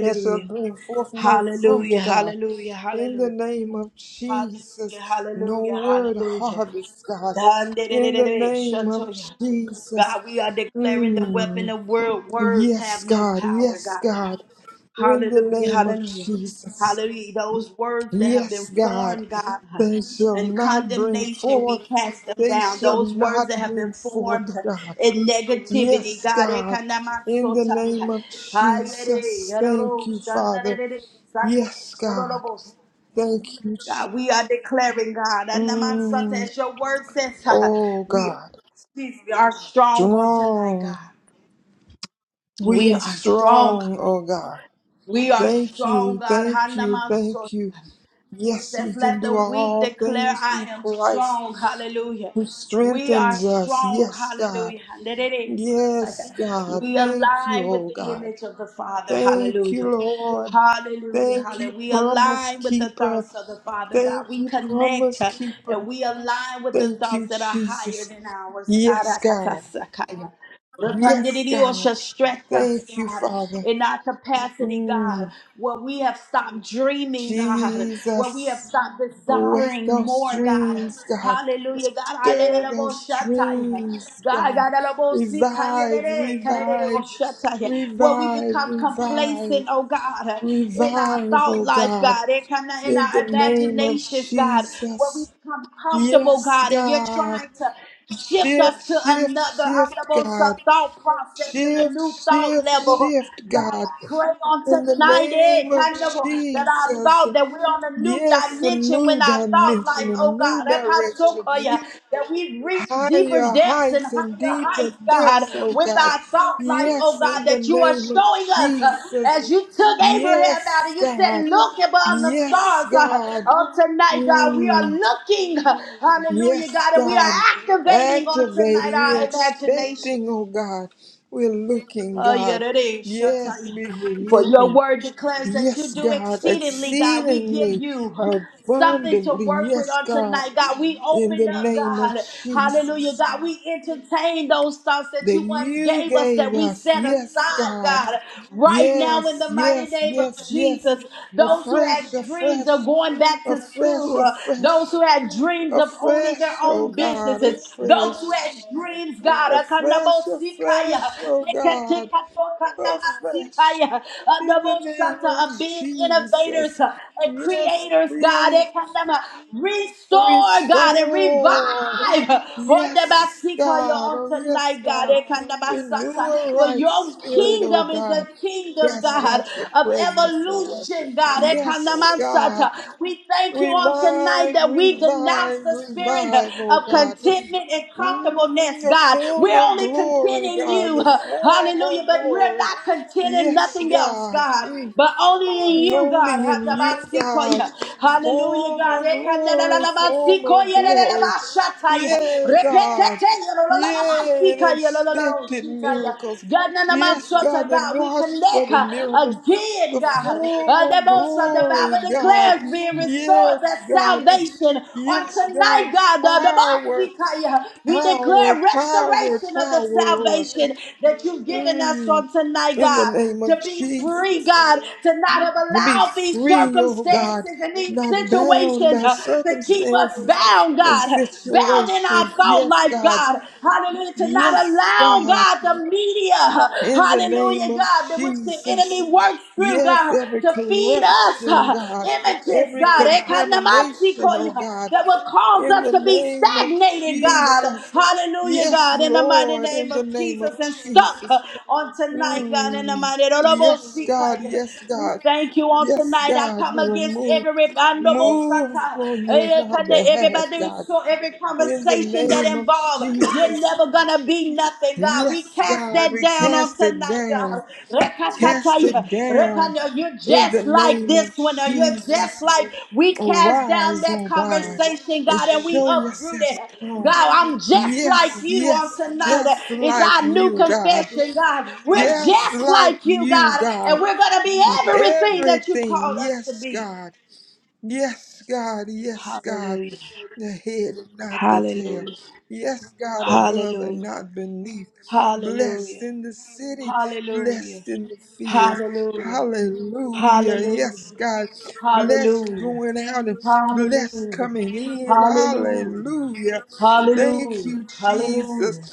that shall bring forth no fruit,
Hallelujah.
God.
Hallelujah.
In the
Hallelujah.
name of
Hallelujah.
Jesus, no
Hallelujah.
word
Hallelujah.
harvest, God. In the
Dandededede,
name of
shantoya.
Jesus.
God, we are declaring the weapon
Mm.
of word. Words
Yes,
have no
God.
power,
Yes,
God.
God. In the
Hallelujah,
name of
hallelujah,
Jesus.
hallelujah. Those words that have been
Yes, God.
formed, God,
They shall
and
not bring
condemnation, we
forth.
cast them
They
down.
shall
Those words
not
that have been
bring forth,
formed
God.
in negativity,
Yes,
God,
God. In the
ekanamasotaya,
name of
hayere,
Jesus. Thank
yaroro,
you, Father.
shandarere,
Yes,
sakaya,
God.
lolobos.
Thank you. Jesus.
God, we are declaring, God, anamasata,
Mm.
as your word says, uh,
Oh,
we,
God.
excuse me, are strong on tonight,
Strong.
God.
We
We
are
are strong.
strong, oh God.
We are
Thank
strong,
you,
God.
thank you, thank you. Yes,
says,
we can
Let the
do
weak
all
declare,
things
I
through
am
Christ
strong. Hallelujah.
who
We are
strengthens us.
strong.
Yes, God.
Hallelujah. And it is.
Yes, God.
We
Thank you,
align with
oh
the
God.
image of the Father.
Thank you,
Hallelujah.
Lord.
Hallelujah.
Thank
Hallelujah.
you,
We
promise
align with the
keeper.
thoughts of the Father, God.
Thank
We
you,
connect
promise
uh, and
keeper.
we align with the
Thank
thoughts
you,
that are higher
Jesus.
than ours. God,
Yes, God.
Akatasakaya.
Yes,
Repandidi
God.
osha, Stretch us,
Thank you,
God,
Father.
in our capacity, God
Mm,
where we have stopped dreaming, God, where we have
Jesus,
stopped
awake
desiring
those
more, God.
dreams, God.
Hallelujah, God. I did it
Stir
about
those
Shataya.
dreams,
God,
God.
God, I about Sikaya
Revive,
today. Kadadada
revive,
about Shataya. Where we
revive,
become complacent,
revive,
oh God, in our
revive,
thought
oh
life,
God.
God, in kinda- in
In the
our
name of
imaginations, God, where we
Jesus.
become comfortable,
Yes,
God, and you're
God.
trying to shift us
Shift,
to
shift,
another,
shift,
another so
God.
thought process and a
Shift,
new thought
shift,
level.
shift,
God,
God.
Pray on
In the
tonight, eh,
name of
kind of, oh, that I
Jesus,
thought that we're on a new
yes, a
dimension
new
when I thought, like,
dimension, a
oh
new
God, that
direction,
Pasokoya, that we've reached deeper
higher
depths and
heights and
higher
deeper
heights, God,
depths, oh
with
God.
our thought, like, oh
Yes,
God,
in the
that you are
name of
showing us uh,
Jesus,
as you took Abraham out
yes,
and you said,
God,
Look upon the
yes,
stars uh,
God,
on tonight, God. We are
Mm.
looking, uh, hallelujah,
yes,
God, and we are
God,
activating on tonight
activating, we're
our imagination.
expecting, oh God, we're looking,
Oh, yeah,
God,
that is. Shall tell
yes,
you,
we- we're
For your
looking.
word declares that you
Yes,
do
God,
exceedingly, God. We give
exceedingly
you something to
abundantly.
work with
Yes,
on
God,
tonight, God. We
in
open
the
up,
name of
God. Hallelujah,
Jesus
God. We entertain those thoughts that
that
you once
you
gave us that
gave
we
us.
set
Yes,
aside,
God.
God. Right now, in
Yes,
the mighty
yes,
name of
yes, yes.
Jesus, those who
Afresh,
had dreams of
afresh,
going back to
afresh,
school, uh, those
afresh,
who had dreams of owning
afresh,
their
oh
own
God,
businesses, those who had
afresh,
dreams, God.
afresh,
Kanabosikaya,
afresh, oh God, afresh,
Leketikatokandabasikaya,
in the name
Adaboshata,
of
of being innovators
Jesus.
uh, and
Yes,
creators, God.
create.
Ekandama, Restore, God, and
Restore.
revive.
Yes,
Hodabasikaya
God.
on
Oh, yes,
tonight, God.
God. Renew
Ekandabasata,
a
For
right
your
spirit, oh
kingdom is a
God.
kingdom,
Yes,
God,
that's your
of
presence, oh God.
evolution, God.
Yes, God.
Ekandamasata. We thank you on tonight
Revive,
that we denounce
revive,
the spirit uh,
revive, oh
of
God.
contentment and
Mm,
comfortableness,
the
God. We're
former
only content
glory,
in
God.
you,
The
uh,
former
hallelujah, but we're
glory.
not content in
Yes,
nothing else,
God.
God.
Mm.
But only in you, God.
Lonely in you,
Hadabasikoya.
God.
Hallelujah,
Former
God.
glory, former
Ekandalalabasikoya,
glory.
lalalashataya.
Yea, God.
Repeteteya,
Yea, and
lalalamasikoya,
expected
lalalaloshitaya.
miracles.
God,
Yes, God,
nanamansota,
that
God, we
watched for
connect
the
uh,
miracles.
again,
The
God. Uh,
former
the most of the Bible
glory, God.
declares being restored
Yes,
that
God. This,
salvation on
yes,
tonight,
God's
God. Uh, the
power,
Basikaya, we
power,
declare
power,
restoration of the
power, Lord.
salvation that you've given us
Mm.
on tonight,
In the
God.
name
To
of
be free,
Jesus
God, to not have
to be
allowed these
free, oh
circumstances
God,
and these
not bound
situations
by
uh, to keep us
circumstances
bound,
and
God, bound in our
situations.
thought
Yes,
life,
God.
God. Hallelujah. To not
Yes,
allow,
God.
God, the media,
In the name
hallelujah,
of
God, that which the enemy
Jesus.
works through,
Yes,
God,
every
to feed us
corruption,
uh,
God,
images,
every
God,
contamination, oh
ekanamasikoya,
God,
that will cause
in
us
the
to be
name of
stagnated, God,
Jesus.
hallelujah,
Yes,
God, in the mighty
Lord,
name
in the
of
name of
Jesus, and stuck uh,
Jesus.
on tonight, God, in the
Mm.
mighty
Yes, God,
Rorobosikaya.
yes,
we
God.
thank you on
Yes,
tonight. I
God,
come
do a
against
move.
every
Move
bandobosata,
on your
eh,
our
ekane-
behalf,
everybody,
God.
so every
In the
conversation that
name of
involve you're
Jesus.
never gonna be nothing, God. We
Yes,
cast
God,
that
we
down on
cast it
tonight,
down.
God.
Cast it
Rekatataya,
down.
rekanya, You're
In the
just like
name of
this one, or you're just
Jesus.
like we cast down
Arise,
that
oh God,
conversation,
and
God, and we
show
uproot
yourself
it. God,
strong.
I'm just like
Yes,
you on
yes,
tonight.
just
Is
like
our new
you, God.
confession, God. We're
Just
just
like
like you,
you,
God, and
God.
we're gonna be everything that you've
Everything,
called us to
yes,
be.
God. Yes, God, yes, God,
Hallelujah.
the head and not the tail.
Hallelujah.
Yes, God, above and
Hallelujah.
not beneath. Blessed
Hallelujah.
in the city,
Hallelujah.
blessed in the fields.
Hallelujah. Hallelujah.
Hallelujah. Yes, God, blessed
Hallelujah.
going out and blessed
Hallelujah.
coming in.
Hallelujah.
Hallelujah. Thank
Hallelujah.
you,
Hallelujah.
Jesus.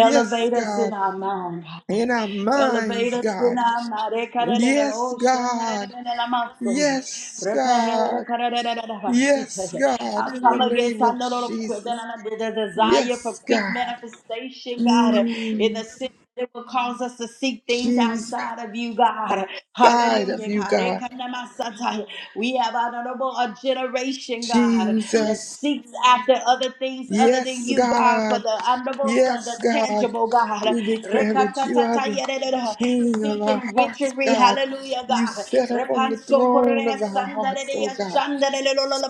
Yes,
us in
God,
our mind.
in our
Elevate
minds,
us in
God.
our mighty Carolina
Yes,
ocean.
God.
and la master.
Yes,
Repair
God.
Carolina.
Yes, God,
I
in the
come against
name
I
of
know the quick-
Jesus.
the the desire for
Yes,
quick
God.
manifestation, God, in the
Mm,
sense that it will cause us to seek things
Jesus,
outside of you, God.
side of
Hallelujah,
you,
God.
God.
Rekanama sataya. We a generation, God, that
Jesus.
seeks after other things other than
Yes,
you, God, for
God.
the honorable son,
Yes,
the
God.
tangible, God.
We declare that you are the
Rekatatatayerere,
King of our
Seeking
hearts,
witchery,
God.
hallelujah,
You
God.
set up on the
Repanso
throne
correa
of our hearts, oh
sandarerea
God.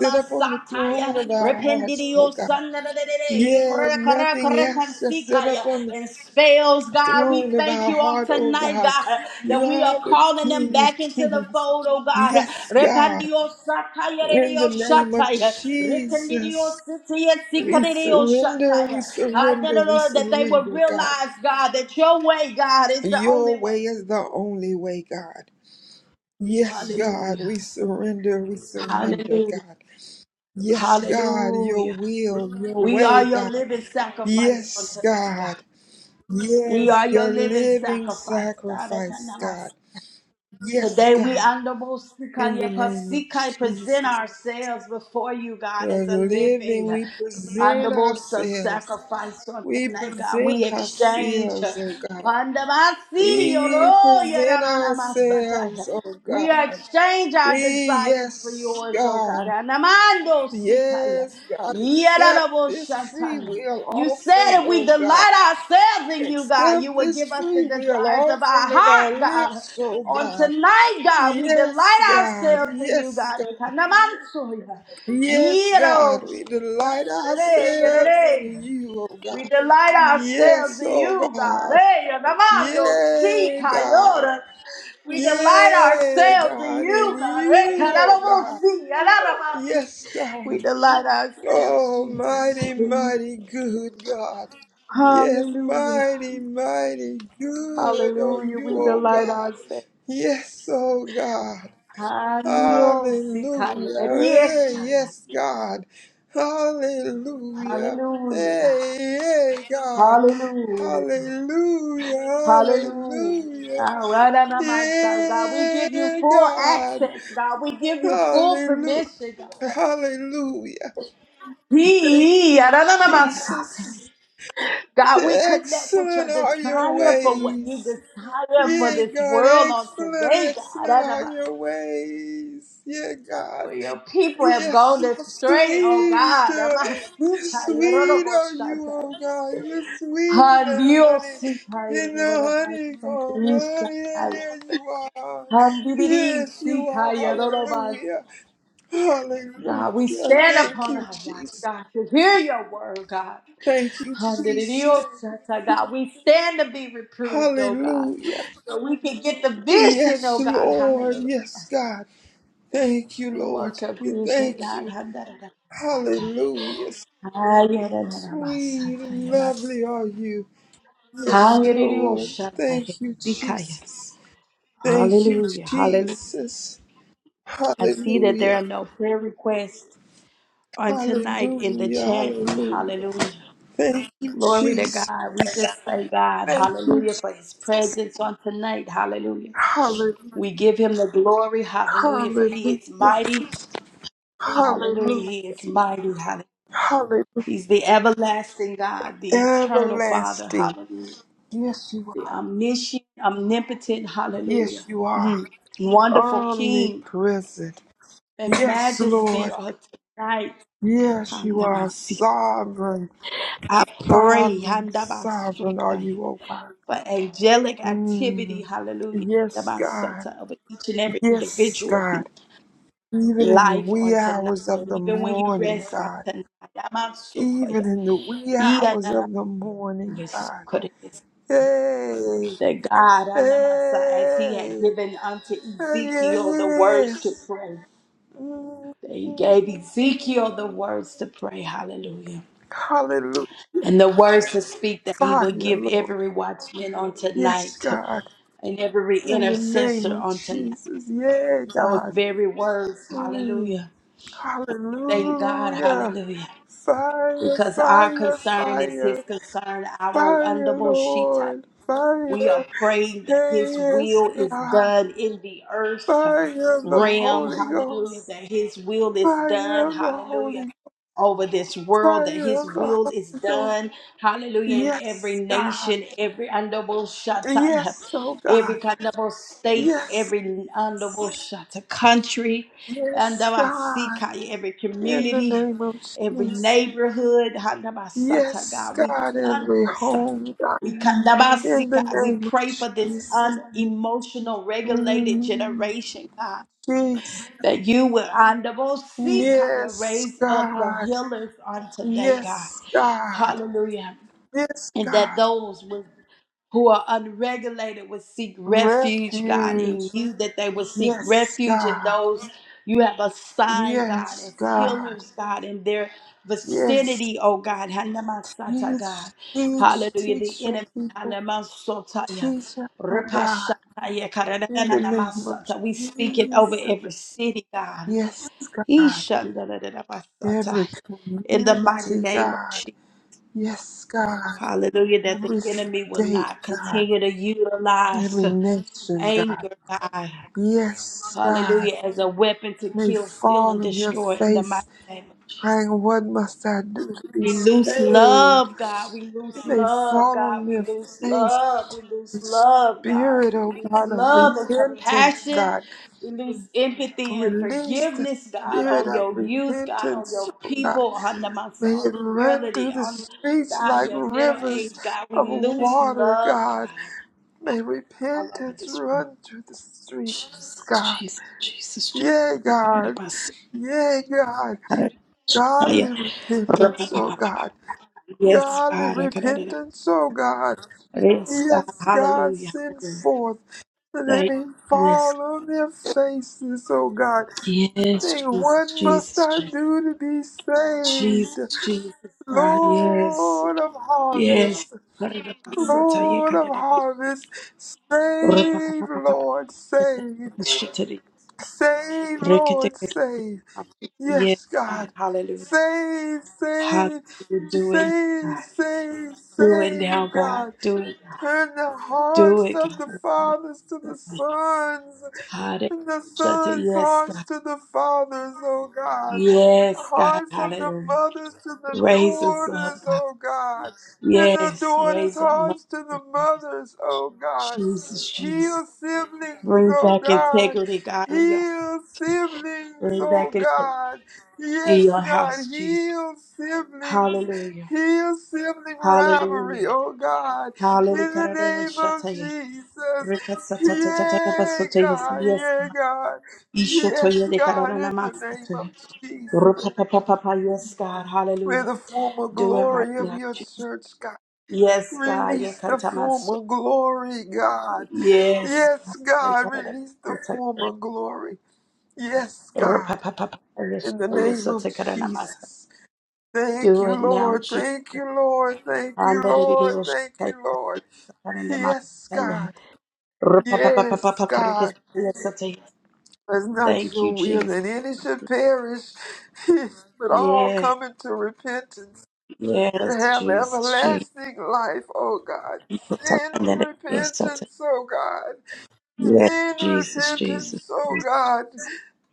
Sit up on the throne of our hearts, oh
Rependidio
God.
sandarelere
Yeah, nothing else. Just sit up on the
and spells, God. We
throne of
thank
our
you on
heart, oh
tonight,
God.
God,
You
that we are
are the
calling them
King of
back into the
Kings.
fold, oh God.
Yes, God.
Repandio sataya
In the
redio
name of
shataya. Recandidio
Jesus,
sitia
we
sikadio
surrender, we
shataya. I don't
surrender,
know no, no,
we
no, that they will
surrender, God.
realize, God, that your way, God, is the only
Your
way.
way is the only way, God. Yes, God, we
Hallelujah.
surrender, we surrender,
Hallelujah.
God. Yes, God, your
Hallelujah.
will, your
We are
way,
your
God.
living sacrifice on
Yes,
tonight, God.
God.
We are
Yes,
your
your
living
living
sacrifice.
sacrifice, God. Yes,
Today we
God.
Andobosika
In the name of
Yepasika present
Jesus,
ourselves before you,
the
God, as a living
living, we present
Andobosa
ourselves.
sacrifice on
We
tonight, God. We
present
exchange.
ourselves, oh God.
Andabasi
We
Yoro
present
Yerananamasata.
ourselves, oh
We
God.
exchange our
We,
desires for
yes,
yours, oh God.
God.
Anamando Sikaya.
Yes, God, accept this free
Yeranaboshataya.
will
You
offering,
said if we
oh God.
delight ourselves in you, God, you
Accept
will
this
give us the
free will
desires of our
offering of our
heart, God.
lips, oh
On
God.
tonight, God, we
Yes,
delight
God.
ourselves in you,
Yes,
God. Ekanamansuya.
Yes,
Yero.
God, we delight
Yere.
ourselves in
yere.
you, oh God.
We delight ourselves
Yes,
in
oh
you, God.
God.
Hey, Anamando, si
Yay, God.
Kayora. We delight
Yay,
ourselves in
God, in
you, God. Hey,
you, oh God.
Kanaramosi, Anaramandi.
Yes,
We
God.
delight ourselves,
Oh,
Jesus.
mighty, mighty good God. Yes,
Hallelujah.
mighty, mighty good, oh
Hallelujah.
you,
We
oh
delight
God.
ourselves.
Yes, oh God.
Hallelujah.
Hallelujah. Hey, yes, God. Hallelujah.
Hallelujah.
Hey, hey, God. Hallelujah.
Hallelujah.
Hallelujah.
All right, and I'm on God, we give you
Yeah,
full
God.
access, God. We give you full
Hallelujah.
permission, God.
Hallelujah. Thank
He- I
you,
don't
Jesus.
God, we connect with your
Excellent are your
desire for what you
ways.
desire for
Yeah,
this
God.
world on
Excellent,
today, God.
excellent
I don't
are your ways. Yeah, God.
Where your people have
Yes,
gone
you're
astray, oh
sweet.
God. I'm
uh,
a
Sweet are you,
seeker.
oh God. You're sweeter
God, we
than honey
stand
in the honeycomb. Yeah, yeah, yeah, you are. Yes, you are. Hallelujah. Hallelujah. Thank
upon
you,
our watch,
Jesus.
God, to hear your word, God.
Thank you, Jesus.
God, we stand to be reproved, oh God,
Hallelujah.
so we can get the vision, oh
Yes,
God.
Lord. Yes, God. Thank you,
We want
Lord.
your
We
vision,
thank
God.
you. Hallelujah. Sweet and lovely are you. Yes,
Hallelujah.
Lord. Thank you, Jesus. Thank you,
Hallelujah. Hallelujah.
Jesus.
I see that there are
Hallelujah.
no prayer requests on tonight in the
Hallelujah.
chat.
Hallelujah.
Hallelujah.
Thank you,
Glory to
Jesus.
God. We just thank God.
Thank you.
Hallelujah
Je-
for his presence on tonight. Hallelujah.
Hallelujah.
We give him the glory. Hallelujah. For he is
Hallelujah.
mighty. Hallelujah.
Hallelujah.
He is mighty. Hallelujah.
Hallelujah.
He's the everlasting God, the eternal Father.
Everlasting.
Hallelujah.
Yes, you
The
are.
omniscient, omnipotent.
Yes,
Hallelujah.
you are.
Mm. Wonderful King
Omnipresent.
and
Yes,
majesty
Lord.
on tonight.
Yes, you are sovereign.
I pray
Sovereign, sovereign are
handabasotaya,
you, O Father.
for angelic activity,
Mm.
hallelujah,
Yes, God.
handabasota, over each and every
Yes,
individual hmm,
God. Even in the
life
wee
on tonight.
hours of
And
the
even when you
morning,
rest on
God.
tonight,
Even
yamasokoya,
in the wee hours
iyanana-
of the morning,
yes,
God.
koda- yes,
Hey,
that God, handamasa, as he had
hey,
given unto
hey,
Ezekiel the words to
yes.
pray,
Mm.
that he gave Ezekiel the words to pray, hallelujah.
Hallelujah.
And the words to speak that he would
Fire,
give
Lord.
every watchman on
Yes,
tonight.
God.
and every
In the name
intercessor
of
on tonight.
Jesus. Yeah,
Those
God.
very words,
Mm.
hallelujah. And we thank God,
Hallelujah.
hallelujah.
Fire,
Because our
fire,
concern is his
fire.
concern. Our
Fire,
wonderful
Lord.
we are
Fire.
praying that
Hey,
His
yes,
will is
God.
done in the earth
Fire of the
realm.
Holy
Hallelujah.
Ghost.
That His will is
Fire
done.
of the
Hallelujah.
Holy
Over this world, that
Fire
His
of the
will is
Holy Ghost.
done. Hallelujah. In every
Yes, God.
nation, every honorable shataya,
Yes, oh God.
every honorable state,
Yes,
every honorable shata country,
yes, God.
Andabasikaya, every
In the
community,
name of
every
Jesus.
neighborhood. Handabasata,
Yes,
God, we
God, every home, God.
we
In the
kandabasika. We
name of
pray for this
Jesus.
unemotional, regulated
Mm.
generation, God,
Jesus.
that you will andabosika,
Yes,
raise up the
God.
healers on today, God.
Yes, God.
Hallelujah
Yes,
and that
God.
those with, who are unregulated would seek refuge, God, in
Refuge.
you, that they would seek
Yes,
refuge in
God.
those you have assigned, God,
Yes,
as
God.
healers, God, in their
Yes.
vicinity, oh God. Hanamasata,
Teach,
God.
teach,
Hallelujah. The
teach your
enemy.
people.
Hanamasotaya,
Teach us, oh God.
repashataya,
In the name of
karadadanamasata. We speak it over
Jesus.
every city, God.
Yes, God.
Ishandadadadamasata.
Every
In the mighty
community,
name of
God. Yes, God.
Hallelujah, that the
every
enemy will
state,
not
God,
continue to utilize
every nation, God.
anger, God.
Yes, God,
Hallelujah, as a weapon to
may
kill, steal, and
fall on their
destroy in the mighty
face,
name of Jesus.
crying, What must I do to be
We lose
saved?
love, God. We lose
May
love,
fall
God.
on
We
their
lose
face.
love. We lose
The
love, God.
spirit,
We
oh
lose
God, of
love and
repentance,
compassion.
God.
We lose empathy and
Release the
forgiveness, God,
spirit
on
of
your youth, God, on
repentance,
your
oh God.
people, on the my
May
son,
it
the
run
elderly,
through the
on
streets
God,
like
your middle
rivers
age, God. We
of
lose
water,
love,
God.
God.
May
All over
repentance
this world.
run through the streets,
Jesus,
God.
Jesus, Jesus,
Yea, God.
Jesus.
Yea, God. Godly repentance, oh God.
Yes,
Godly
God.
repentance, oh God.
Praise God.
Yes, God,
Hallelujah.
send forth that they
Thank
may
you. Yes.
fall on their faces, oh God,
Yes, Jesus,
saying,
Jesus,
What must I
Jesus.
do to be saved?
Jesus, Jesus. Ah, yes.
Lord of
Yes.
harvest,
Karirabasata,
Lord of
yekarirabasu.
harvest, save, Lord, save.
Rapapapapapapapasakirabashitiri.
Save, Lord,
Reketekesabashitiri.
save.
Yes,
Yes,
God.
God.
Hallelujah.
Save,
Hallelujah.
save,
Do it,
save,
God.
save,
Do it
save,
now, God.
God.
Do it. God.
Turn the
Do
hearts
it,
of
God.
the fathers to the sons
Hallelujah.
to the sons'
Yes,
hearts
God.
to the fathers, oh God. The
Yes, God.
hearts of the
Hallelujah.
mothers to the
Raise us up,
daughters,
God.
oh God. And the
Yes,
daughters'
raise up, Mother.
hearts to the mothers, oh God.
Jesus, Jesus.
Heal siblings,
Bring
oh
back
God.
integrity, God. in your-
Heal siblings,
Bring
oh
back into
God.
in
Yes,
your
God.
house, Jesus.
Heal siblings.
Hallelujah.
Heal sibling rivalry,
Hallelujah.
oh God.
Hallelujah.
In the
Karara
name of
shataya.
Jesus.
Rika satata tatata
Yeah,
basotaya. Yes,
God,
yes,
yeah,
God.
God. Yes,
Ishotoya de
God,
karara
in the name of
namastotoya.
Jesus.
Rupa pa pa pa pa. Yes, God.
May
Hallelujah.
the former
Do it right
glory of
now,
your
Jesus.
church, God.
Yes, God. Ye
Release the
kantamaso.
former glory, God.
Yes.
Yes, God, release the
God.
former glory. Yes,
ra
God,
Yes,
in the
oh, yes,
name
oh,
of
take it in a master.
Jesus. Thank
Do
you,
it now,
Lord.
Jesus.
Thank you, Lord. Thank you,
And that it is a
Lord. Thank
shaka,
you,
yes,
Lord.
oh, take it in a master,
Yes,
yeah.
God. Yes,
ra
God.
crickets, yes, oh, take it.
It's not
Thank
your
you,
will
Jesus.
that any should perish, but all
Yes,
come into repentance
yes,
and have
Jesus, Jesus.
everlasting life, oh God.
Oh, take it
Send
in a- Yes, oh, take it.
repentance, oh God.
Yes,
Send
Jesus, Jesus,
repentance, oh God.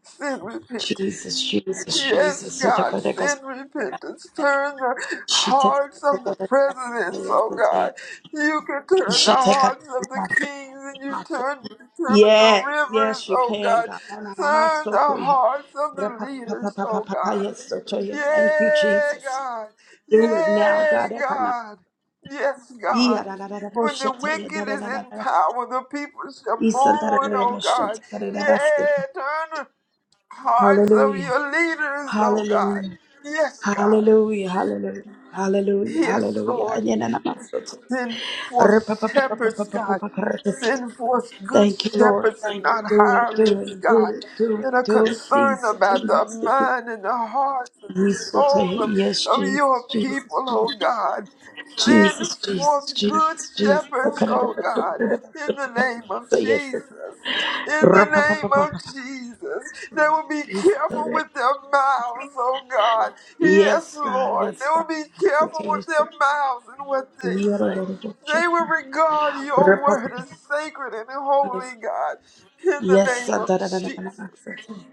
Send repentance.
Jesus, Jesus,
Yes,
Jesus. Oh, take
God,
it, take it.
send repentance. Turn the
She take it,
hearts
take
of the
it, take it,
presidents,
yes,
oh
oh, take
God.
it.
You can turn the
She take it
hearts of
in
the
a
kings and you
master.
turn determine the
Yes,
rivers,
yes, you
oh
can,
God.
God. Na, na, na, ma,
Turn
so
the
to ya.
hearts of
Ra,
the
pa, pa, pa,
leaders,
pa, pa,
oh
pa, pa,
God.
Yes, so to ya. Thank you,
Yeah,
Jesus.
God.
Do it now,
Yeah,
God. Eka, na.
God. Yes,
Iya,
God.
da, da, da, da, bo,
When
sha,
the
ta, ya, da,
wicked
da,
is
da, da,
in
da.
power, the people shall
Isa, da, da,
mourn,
da, da,
oh
bo, sha,
God.
ta, da, da, da,
Yeah,
ba, sa.
turn hearts of
Hallelujah.
your leaders, oh God.
Hallelujah.
Yes, God.
Hallelujah. Hallelujah. Hallelujah.
Yes,
Hallelujah.
Lord.
Anya, na, na, ma, so to.
Send
Ra,
forth
pa, pa, pa, pa, pa, pa,
shepherds,
pa, pa,
God.
pa, ka, ra, ka, sa.
Send forth good
Thank you, Lord.
shepherds and
Thank you.
not
Do it. Do
hirelings,
it. Do
God,
it. Do
that
it.
are
Do it.
concerned about the
Jesus.
mind and the hearts and the
Yes, so tell
soul of,
you, yes,
of
Jesus,
your
Jesus,
people, oh
Jesus,
God. Send
Jesus, Jesus,
forth good
Jesus, Jesus. So
shepherds,
can I have a
oh
so can
God,
I have a
in the
so can I have a
name of
so yes, so can I-
Jesus. In the name of
Ra-pa-pa-pa-pa-pa-pa.
Jesus. They will be
Yes, so tell
careful
you.
with their mouths, oh God. Yes,
Yes, God,
Lord. They
yes, God.
will be
Yes, so
careful
tell you,
with
so-
their mouths and what they say. They
Yo-ro-ro-ro-ro-sha-ta.
will regard your word as
Ra-pa-pa-pa-pa.
sacred and
Yes,
holy, God, in the
yes,
name
so
of
da-da-da-da-da-da,
Jesus.
so tell you.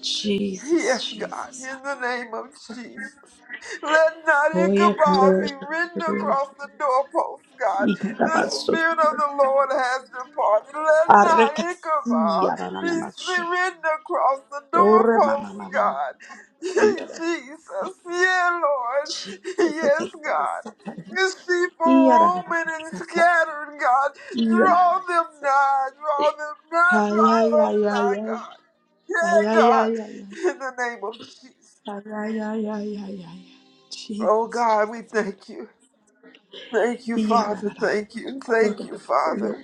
Jesus,
Yes, God,
Jesus.
in the name of Jesus. Let not
Oh, yeah, God,
Ichabod
oh,
be written
yeah.
across the doorpost, God. The
Ika-da-ba-so.
Spirit of the Lord has departed. Let not
Arre-ka-si,
Ichabod be
ya-ra-na-na-ma-sha.
si- written across the
Ora mama
doorpost,
mama mama.
God.
Iyara.
Jesus, yeah, Lord.
Jesus, it's
Yes,
a
God.
masata.
The sheep are
Iyara.
roaming and
Satan.
scattered, God.
Iyara.
Draw them nigh, draw them nigh,
Ay
draw
ay
us
ay ay
nigh,
ay.
God. Yeah,
Ay ay
God.
ay ay ay.
In the name of Jesus.
Ay ay ay ay ay ay.
Oh
Jesus,
God,
Jesus,
we
Satan.
thank you. Thank you,
Iyara.
Father. Thank you.
Ora
Thank you,
masayo.
Father.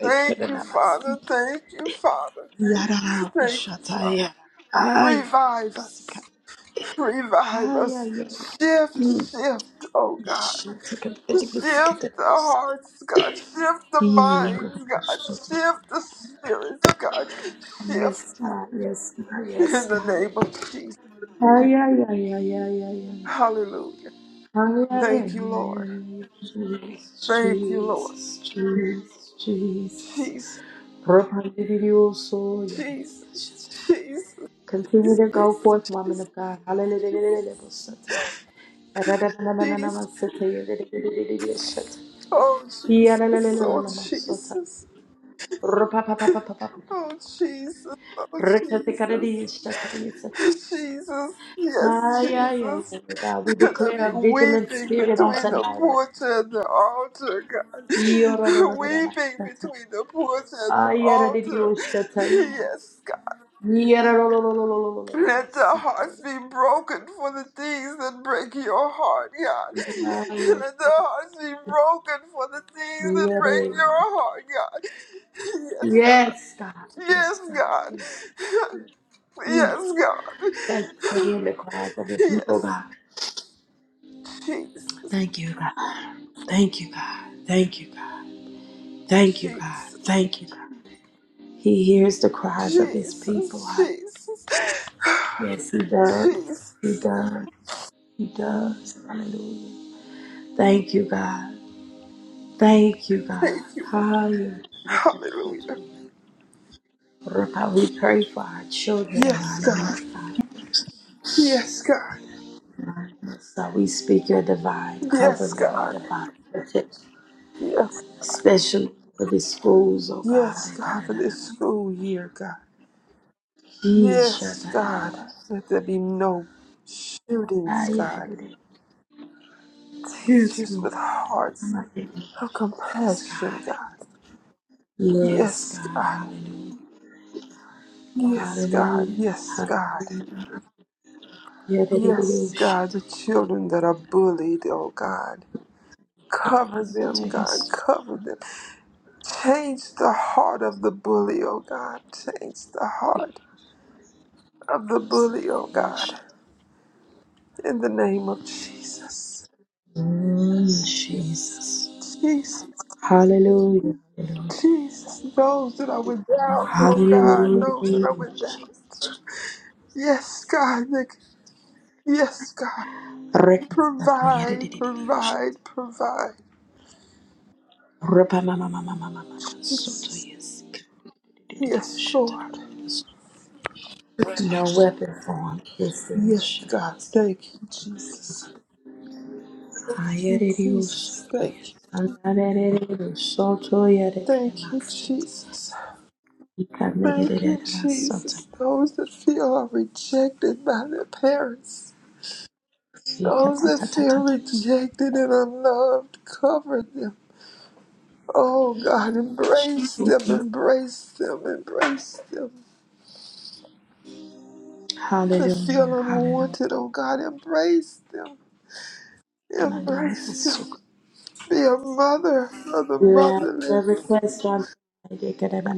Etkana
Thank you,
namasi.
Father. Thank you, Father.
Iyara.
Thank you,
Shata
Father.
ya. Ay.
Revive us. Revive
Ay
us.
ay ay.
Shift,
Mm.
shift, oh God.
Shata.
Shift
Etkana
the
namasi.
hearts, God. Shift the
Yes,
minds, God.
God.
Shift the spirits, God. Shift
Yes, God.
in
Yes,
the
God.
name of Jesus.
Ay, ay, ay, ay, ay, ay, ay.
Hallelujah.
Ay, ay, ay,
Thank you,
ay,
Lord.
ay, ay. Jesus,
Thank you,
Jesus, Jesus, Jesus.
Lord.
Propandidio yada, yada,
Jesus,
yada.
Jesus,
Continue to go forth, woman
Jesus,
of God. Hallelujah.
Jesus, Jesus. Oh Jesus, oh Jesus, oh Jesus, oh
Rekatikaridiya
Jesus.
shataya sataya.
Jesus, yes,
Ay, yeah, yeah, yeah,
Jesus.
oh God, we
And I
declare
be
a vigilant
weeping
spirit on
between
tonight.
the
oh God.
porch and the altar, God. Weeping
Yorororororabasata.
between the porch and the
Ay,
altar.
yaradidiyoshata.
Yes, Let their
Yarororororororobasikaya.
hearts be broken for the things that break your heart, God.
Ay,
Let their hearts be broken for the things that break
yare-
your heart, God. Yes, God.
Yes, God.
Yes,
Yes, God. Yes.
God.
Mm.
Yes,
Thank you for
God.
hearing the cries of your people,
Yes.
God.
Jesus.
Thank you, God. Thank you, God. Thank you, God. Thank you, God.
Jesus.
Thank you, God. He hears the cries of his
Jesus.
people.
Jesus.
Yes, he does. He
Jesus.
does. He does. Hallelujah. Thank you, God. Thank you, God.
Thank you, Lord.
Hallelujah.
Hallelujah.
Rabbi, We pray for our children and
Yes,
our
God.
youth, God.
Yes, God.
So we speak your divine
Yes,
covering, your
God.
divine protection,
Yes,
especially for the schools, oh God.
Yes, God, for this school year, God.
Yeesh, Da
Yes,
da da da
God.
da.
Let there be no
Ah,
shootings,
yeah, I
God.
did it.
Teachers
Yes, Lord.
with hearts
Yes,
of compassion,
God.
God.
Yes,
Yes,
God.
God.
Hallelujah.
Yes, God.
Hallelujah.
Yes, God.
Hallelujah.
Yes,
Yadadadadadosha.
God. The children that are bullied, oh God. Cover
So
them,
take
God.
us to
Cover them. Change the heart of the bully, oh God. Change the heart of the
us.
bully, oh God. In the name of Jesus.
Mm, Jesus.
Jesus,
Hallelujah.
Jesus, those that I would
Hallelujah.
doubt, oh God, those that I
Hallelujah.
would doubt.
Jesus.
Yes, God, thank you. yes, God.
Rekasata
Provide,
yadadadadadosha.
provide, provide.
Repa mama mama mama mama. Soto
Jesus,
yes.
yes, Lord.
No
Protect.
weapon formed. This thing is
Yes, God,
Shabbos.
thank you, Jesus. Thank you,
Hayadadadosha.
Jesus. Thank you.
Yes. Anadadadadosha. Soto
Thank you,
yadadadamasata.
Jesus. Thank you,
Ikanderererabasota.
Jesus. Those that feel are rejected by their parents. Those that feel
Ikatatatatatabasha.
rejected and unloved, cover them. Oh God, embrace them, embrace them, embrace them. That
Hallelujah,
feel
hallelujah.
unwanted, oh God, embrace them,
Mandy
embrace them.
Isuka.
Be a mother for the
You have a
motherless,
request on tonight.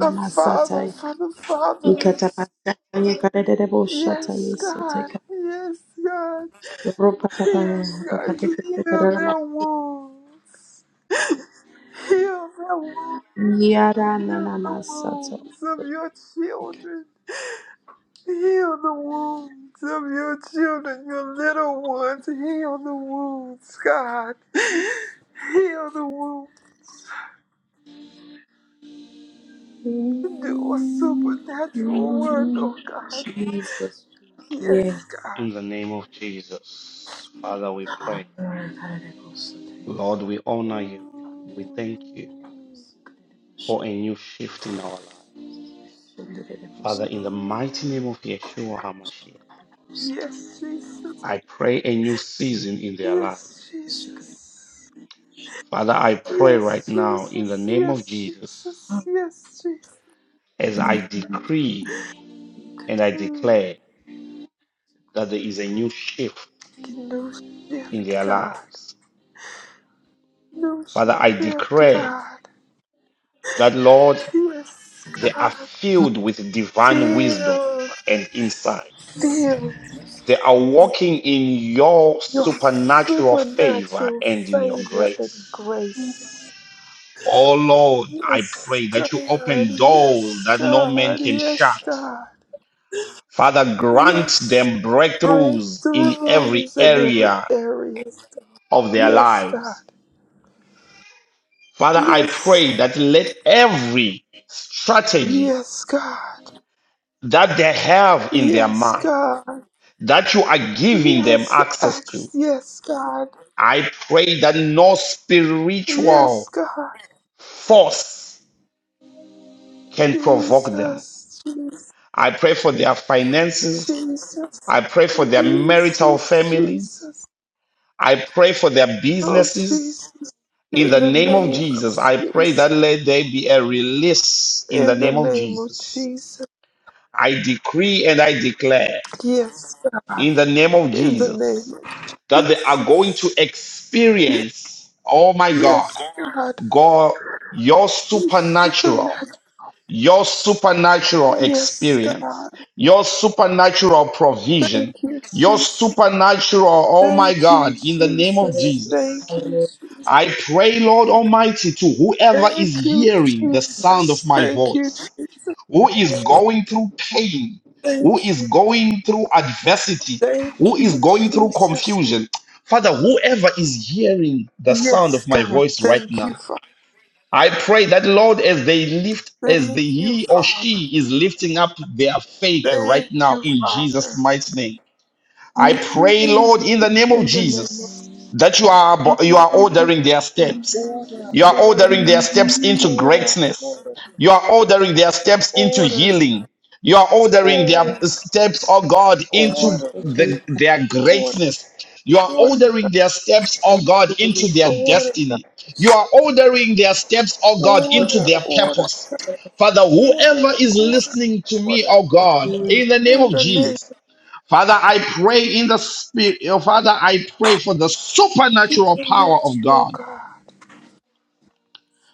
a father for the fatherless.
Ikatapasata. Ikarererebosata.
Yes, God,
Yesoteka.
yes, God,
Ropapapaya.
yes, God, heal their
Pakarekerereramasa.
wounds, heal their wounds. Heal the
Yarananamasata.
wounds of your children. Heal the wounds of your children, your little ones. Heal the wounds, God. Heal the wounds. Do a supernatural work, oh God.
Jesus. Yeah.
Yes,
In
God.
the name of Jesus. Father, we pray. Lord, we honor you. We thank you
Mm.
for a new shift in our life. Father, in the mighty name
Mm.
of Yeshua HaMashiach,
Yes, Jesus.
I pray a new season in their
Yes,
lives.
Jesus.
Father, I pray right
Yes,
now in the
Jesus.
name of
Yes,
Jesus
Jesus. Yes, Jesus.
as I decree and I
Mm.
declare that there is a new shift
No
in
shift,
their
God.
lives.
No
Father, I
shift,
declare
God.
that, Lord,
Yes,
they are
God.
filled with divine wisdom
Feel,
and insight.
feel
They are walking in your
your
supernatural favor
supernatural
and in your
favor
grace.
and grace.
Oh Lord, I
Yes,
pray
God.
that you open doors
Yes,
that no man
God.
can
Yes,
shut.
God.
Father, grant
Yes.
them breakthroughs in every
Breakthroughs in every
area
area.
of their
Yes, God.
lives. Father, I
Yes.
pray that let every strategy
Yes, God.
that they have in their
Yes,
mind
God.
that you are giving them
Yes,
access to.
X. Yes, God.
I pray that no
Yes,
spiritual
God.
force can provoke them.
Jesus. Jesus.
I pray for their finances.
Jesus.
I pray for their marital
Jesus.
families.
Jesus.
I pray for their
Oh,
businesses.
Jesus.
In
In
the
the
name of
name of
Jesus, I pray
Jesus.
that let there be a release in the
In the
name of
name of
Jesus.
Jesus.
I decree and I declare
Yes, God.
in the name of
In the name
Jesus that
of
they are going
Jesus.
to
Ye-
experience, oh my God,
Yes, God.
God, your
You
supernatural,
Supernatural.
your supernatural
Yes,
experience,
God.
your supernatural
Thank
provision,
you,
your
Jesus.
supernatural, oh my
Thank
God,
you,
in the name of
Jesus.
Jesus.
Thank you,
Hallelujah.
Jesus.
I pray, Lord Almighty, to whoever is
Thank you,
hearing the sound of
Jesus.
my
Thank you,
voice
Jesus.
who is going through pain, who
Thank
is
you.
going through adversity, who
Thank
is
you,
going through
Jesus.
confusion. Father, whoever is hearing the sound
Yes,
of my
God.
voice right
Thank
now,
you, Father.
I pray that Lord, as they lift, as the
Thank you,
he or
Father.
she is lifting up their faith right
Thank
now
you,
in Jesus'
Father.
mighty name. I pray, Lord, in the name of
In the name of
Jesus, that you are you are ordering their steps.
order,
You are
order,
ordering their steps into
order,
greatness.
order,
You are ordering their steps into
order, God.
healing. You are ordering their
order,
steps, oh God, into
order, order,
the, their
order,
greatness. You
God.
are
order, God.
ordering their steps, oh God, into their destiny. You are ordering their steps, oh God, into
order,
their
order,
purpose.
God.
Father, whoever
order,
is
order,
listening to me,
order.
oh God, in the name
In
of
the name
Jesus. Father, I pray in the spirit. oh, Father, I pray for the
of
supernatural
the
power of
natural
God.
God,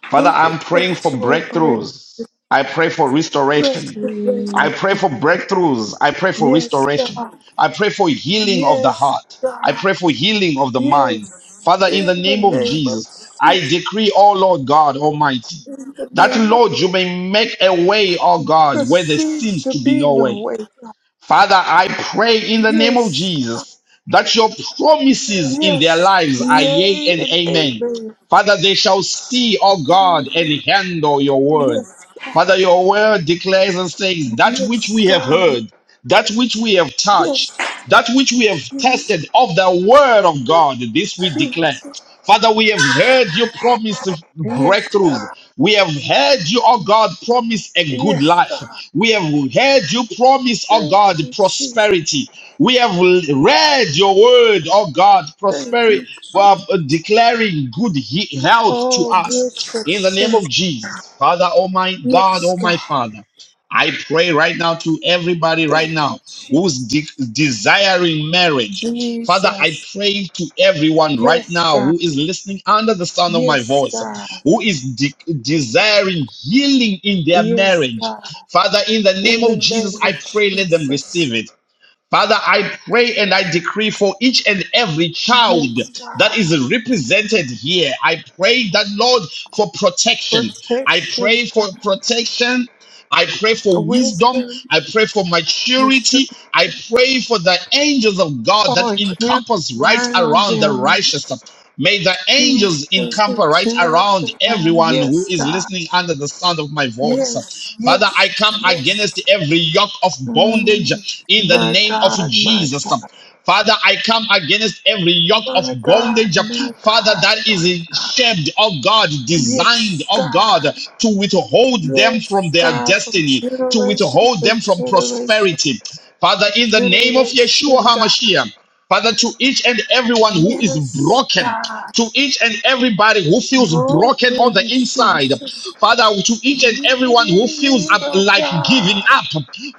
Father, I'm praying for
supernatural break,
breakthroughs. I pray for restoration.
restoration.
Hallelujah.
I pray for breakthroughs. I pray for
Yes,
restoration.
God.
I pray for healing of the
Yes,
heart. I
God,
pray for healing of the mind.
yes.
Father, in
In
the
the
name of
name of
Jesus, I
Jesus,
decree, oh Lord God Almighty,
in the
that
name of
Lord, you may make a way, oh
there
God, where there
seems
seems
to
to be
be
no
no
way.
way. God.
Father, I pray in the name of
Yes,
Jesus that your promises in their
yes,
lives are yea
yay
and
and
amen.
amen.
Father, they shall see, O God, and handle your word.
Yes,
Father, your word declares and says that which
yes,
we have
God,
heard, that which we have touched,
yes,
that which we have
yes,
tested of the word of God, this we declare.
Jesus,
Father, we have heard you promise
yes,
breakthroughs.
God,
We have heard you, oh God, promise a good
yes,
life.
God.
We have heard you promise, oh
Thank
God,
you, Jesus.
prosperity. We have read your word, oh God,
Thank
prosperity,
you, Jesus.
uh, declaring good he- health to
All good
us in the name
success.
of Jesus. Father, oh my God,
Yes,
oh my
God.
Father, I pray right now to everybody right
Thank
now
you, Jesus.
who's de- desiring marriage Father, I
Jesus.
pray to everyone right
Yes,
now
God.
who is listening under the sound of my
Yes,
voice,
God.
who is de- desiring healing in their
Yes,
marriage.
God.
Father, in the name
In
of
the
Jesus,
name
I
of
pray let them receive
Jesus.
it. Father, I pray and I decree for each and every child
Yes,
that
God.
is represented here. I pray that, Lord, for protection. I
Protection,
pray for
God.
protection. I pray for wisdom.
Wisdom,
I pray for
mature
maturity. I pray for the angels of God that
all camp
encompass right
around
around the
them.
righteous. May the angels
Jesus,
encamp right
camp
around
around.
everyone who
Yes,
is
God.
listening under the sound of my voice.
Yes,
Father, I
yes,
come against
yes.
every yoke of bondage
Mm.
in the
My
name of
God, my
Jesus.
God.
Father, I come against every yoke of
My God,
bondage,
my
Father,
God,
that is
my God.
shaped, oh God, designed,
Yes,
oh God,
God.
to withhold them from
Yes,
their
God, from
destiny, to
generation
withhold
to
them from
generation.
prosperity. Father, in the name of Yeshua
generation, God.
HaMashiach, Father, to each and everyone who is
Yes,
broken
God.
to each and everybody who feels broken on the
Broken
inside.
Jesus.
Father, to each and everyone who feels up
Mend, oh
like giving
God.
up.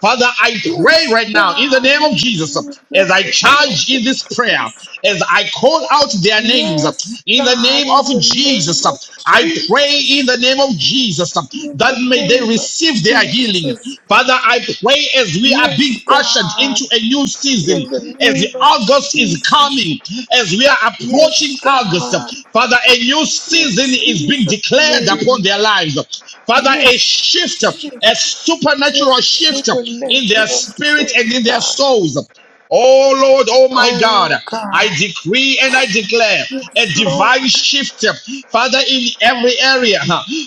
Father, I pray
Yes,
right now in the
God.
name of Jesus
Mend
as I
every
charge in
broken
this prayer,
place.
as I call out their names
Yes,
in the name
God.
of
In the
Jesus.
name of
I pray in
Jesus.
the name of Jesus
In
that
the
may they
name of
receive their healing.
Jesus.
Father, I pray as we are being
Yes,
ushered into
God.
a new
In
season
the name
as
of
August is
Jesus.
coming, as we are
Yes,
approaching August,
God.
Father, a new
In
season is being
Jesus'
declared
name.
upon their lives. Father, a
Yes,
shift, a
shift,
supernatural
shift,
shift in their
supernatural
spirit and in
shift,
their
God.
souls. Oh Lord, oh my God,
Oh,
I
God.
decree and I declare
Yes,
a divine
Lord.
shift, Father, in every area.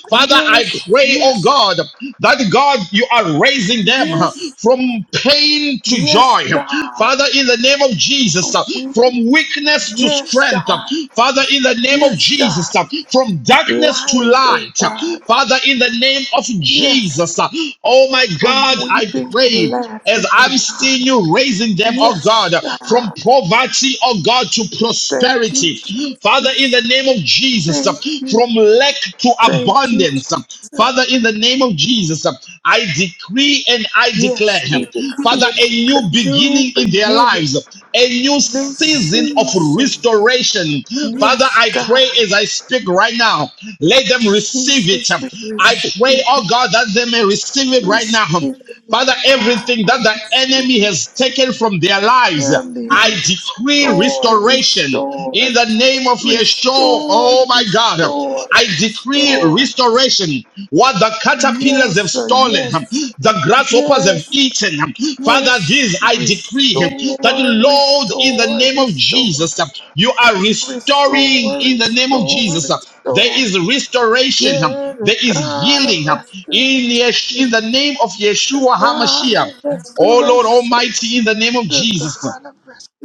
Father, I
Yes,
pray, oh
yes,
God, that God, you are raising bring them uh,
yes,
from pain to
yes,
joy.
God.
Father, in the name of Jesus, uh,
We,
from weakness to
yes,
strength. uh,
God.
Father, in the name of
Yes, God.
Jesus, uh, from darkness to
Light, oh,
light. uh,
God.
Father, in the name of
Yes,
Jesus, uh, oh my
from
God, I
weeping to
pray
laughing,
as
oh,
I'm seeing
God.
you raising them, oh God,
Yes,
from
God.
poverty, oh God, to
Thank you,
prosperity. Father, in
Jesus.
the name of Jesus, uh,
Thank you,
from lack to
thank you,
abundance abundance.
Jesus.
Father, in the name of Jesus, I decree and I declare,
Yes, we
Father,
declare
a
a
new
new
beginning in their
beginning,
lives, a new
new
season of
season.
restoration. Father,
Yes,
I
God,
pray as I speak right now, let them receive it.
Jesus, we
I pray, oh
receive,
God, that they may receive it right
receive,
now.
oh
Father,
God,
everything
I
that the enemy
receive,
has taken from their lives,
Now be
I decree
restored,
restoration in
restored,
the name of Yeshua. Oh
restored,
my God.
restored,
I decree
restored.
restoration. What the caterpillars
Yes,
have
sir,
stolen,
yes,
the grasshoppers have
yes,
eaten. Father,
yes,
this I decree that,
restore,
Lord, in the
restore,
name of
restore.
Jesus, you are restoring
Restore,
in the name of
restore,
Jesus. There
restore.
is restoration. huh?
You're the
There is
God
healing
of
huh? in, Yes-
restoration.
in the name of
The
Yeshua
God
HaMashiach.
of
Oh Lord
restoration.
Almighty, in the name of
The
Jesus.
God of restoration.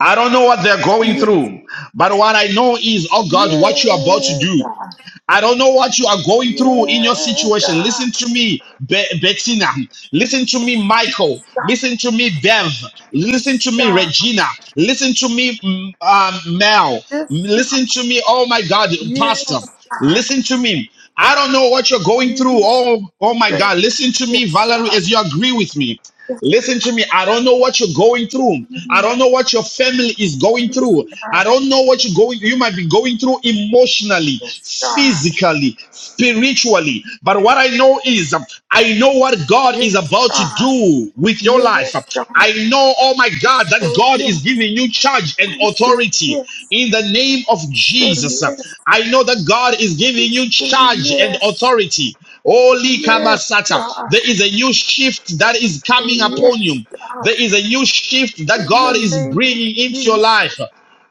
I don't know what they're going
Yeah,
through, but what I know is, oh God, what you're about to
yeah,
do.
God.
I don't know what you are going through in your
Yeah,
situation.
God.
Listen to me, Be- Bettina. Listen to me, Michael.
God
Listen to me, Bev. Listen
is
to me,
God.
Regina. Listen to me, mm, um, Mel.
Yes, God.
Listen to me, oh my God, Pastor.
Yes, God.
Listen to me. I don't know what you're going through.
He's
Oh, oh my
great.
God. Listen to me,
Yes,
Valerie,
God.
as you agree with me.
Yes,
Listen to me. I don't know what you're going through. I
you,
don't know what your family is going through. I
God.
don't know what you're going you might be going through emotionally,
Yes, God.
physically, spiritually. But what I know is um, I know what God
Yes,
is about to
God.
do with your life.
Yes, God.
I know, oh my God, that
Say
God
yes.
is giving you charge and
We say
authority
yes.
in the name of
Say
Jesus.
yes,
I know that God is giving you
say
charge and
yes,
authority. Holy
yes,
Kamasata.
God.
There is a new shift that is
Say
coming upon
yes,
you.
God,
There is a new shift that
in the
God is
name of
bringing into your life.
Jesus.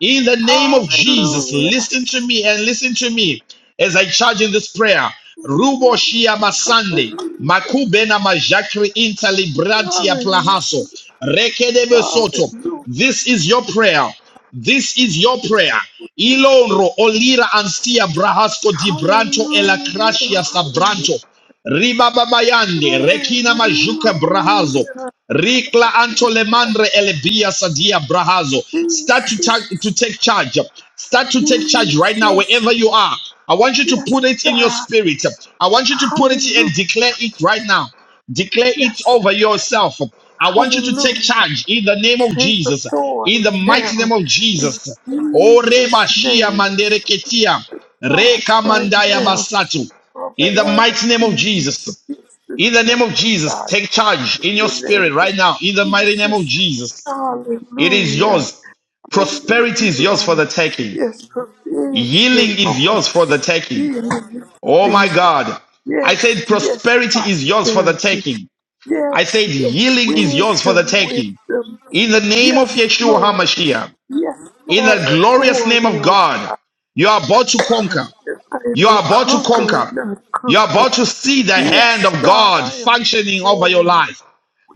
In the name of Jesus,
Hallelujah.
listen to me and listen to me as I charge in this prayer. Rubo Shia Masande,
Hallelujah.
Makubena Majakri Intali Brantia
Hallelujah.
Plahaso, Rekedebe Soto.
Hallelujah.
This is your prayer. This is your prayer. Ilonro olira ansia brahasco di branto e la
Hallelujah.
crashia
Hallelujah.
sabranto. Ribababayande rekina majuka brahazo.
Hallelujah.
Rikla anto le mandre elebia sadia brahazo. Start to, ta- to
Jesus.
take charge. Start to take charge right now,
Jesus.
wherever you are. I want you to
Yes,
put it in your
God.
spirit. I want you to put it
Hallelujah.
and declare it right now. Declare it
Yes.
over yourself. I want you to take
Hallelujah.
charge in the name of
Take
Jesus in
authority
the mighty name
now
of
in
Jesus. O
Jesus'
Rebashia
name.
Mandereketia,
God,
Reka
right
Mandaya
now,
Masatu, in the
over
mighty name of
everything
Jesus.
is
In the name
dismissed.
of Jesus,
God,
take charge
in
in your
the name
spirit
of
right now. In the mighty name of
Jesus.
Jesus, it is
Hallelujah.
yours.
Thank
Prosperity
you,
is yours for the
Lord.
taking.
Yes, provision,
Healing is
Lord.
yours for the taking.
Healing and
Oh my
provision.
God. I
Yes,
said
yes,
prosperity is yours for the
prosperity.
taking. I
Yes,
said
yes,
healing is yours for the
wisdom,
taking.
wisdom,
In the name of
Yes,
Yeshua
Lord.
HaMashiach.
Yes,
in the
Lord.
glorious name
Authority.
of
oh,
God. You are about to conquer.
I am
You
a
are about to
conqueror,
conquer.
not a
You are about
conqueror.
to see the hand of
Yes, God,
God
I am
functioning over your
victorious.
life.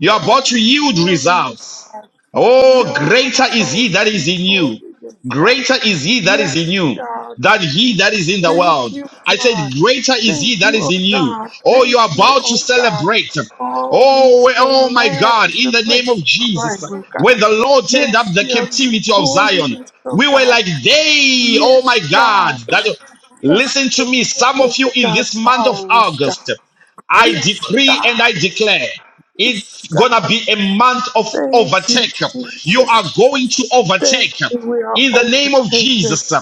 You are
are
about to yield
victorious,
results.
God.
Oh,
Your
greater is he
household
that
is
is in you.
victorious, God.
Greater is he that is in
Yes,
you
God.
than he that is in the
Thank
world.
you,
I said,
God.
greater is he
Thank
that
you,
is
oh
in you.
God.
Oh,
Thank
you are
you,
about to
oh God.
celebrate.
Oh, we
Oh,
shall
oh my
laugh
God,
in
in
the
the name of
place of
Jesus.
crying, oh God.
When the Lord turned up
Yes,
the
we are
captivity of Zion,
victorious, oh
we were
God.
like they, oh
Yes,
my God.
God.
That
Yes,
listen to me, some of
goodness
you
of
in
God,
this month of
power us, God.
August. I
Yes,
decree and I
God.
declare
Yes,
it's
God.
gonna be a month of
Thank you,
overtake. You
Jesus.
are going to
Thank
overtake
you. We are
in the name of
overtakers.
Jesus.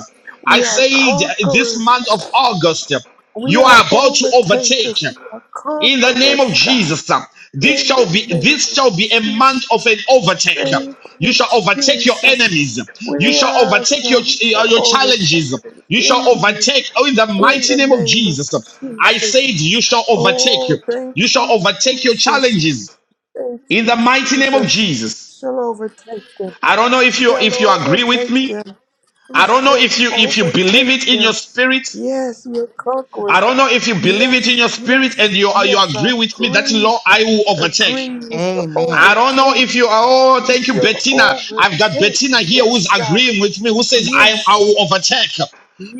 I
We are
say that this
conquerors.
month of August,
We
you
are
are about to overtake
overtakers. We are
in the name of
conquerors, God.
Jesus. uh, This
In
shall
the
be
name
this
of
shall be a
Jesus.
month of an overtake.
Thank
You
you,
shall overtake your
Jesus.
enemies.
We
You shall
are,
overtake your
shall, we
uh,
shall
your
overtake
challenges.
the
You shall
enemies
overtake. Oh, in the
in
mighty
the
name of
name of
Jesus, I said
Jesus.
you shall overtake.
Oh, thank
You shall
you,
overtake your
Jesus.
challenges
Thank
in the
you,
mighty name of
Jesus.
Jesus.
Shall overtake them.
I don't know if you
Shall
if you agree with
overtake them.
me.
We
I don't know
shall
if you if you believe
overtake
it in your
them.
spirit.
Yes, we're
I
conquerors.
don't know if you believe
Yes,
it in your spirit and
yes,
you uh, you
yes. I
agree with me that
agree.
law I will overtake.
Agree. We shall
Amen.
I don't know
overtake.
if you are. Oh,
We
thank you,
shall
Bettina. I've got
overtake.
Bettina here who's
Yes, God.
agreeing with me, who says I I
Yes.
will overtake.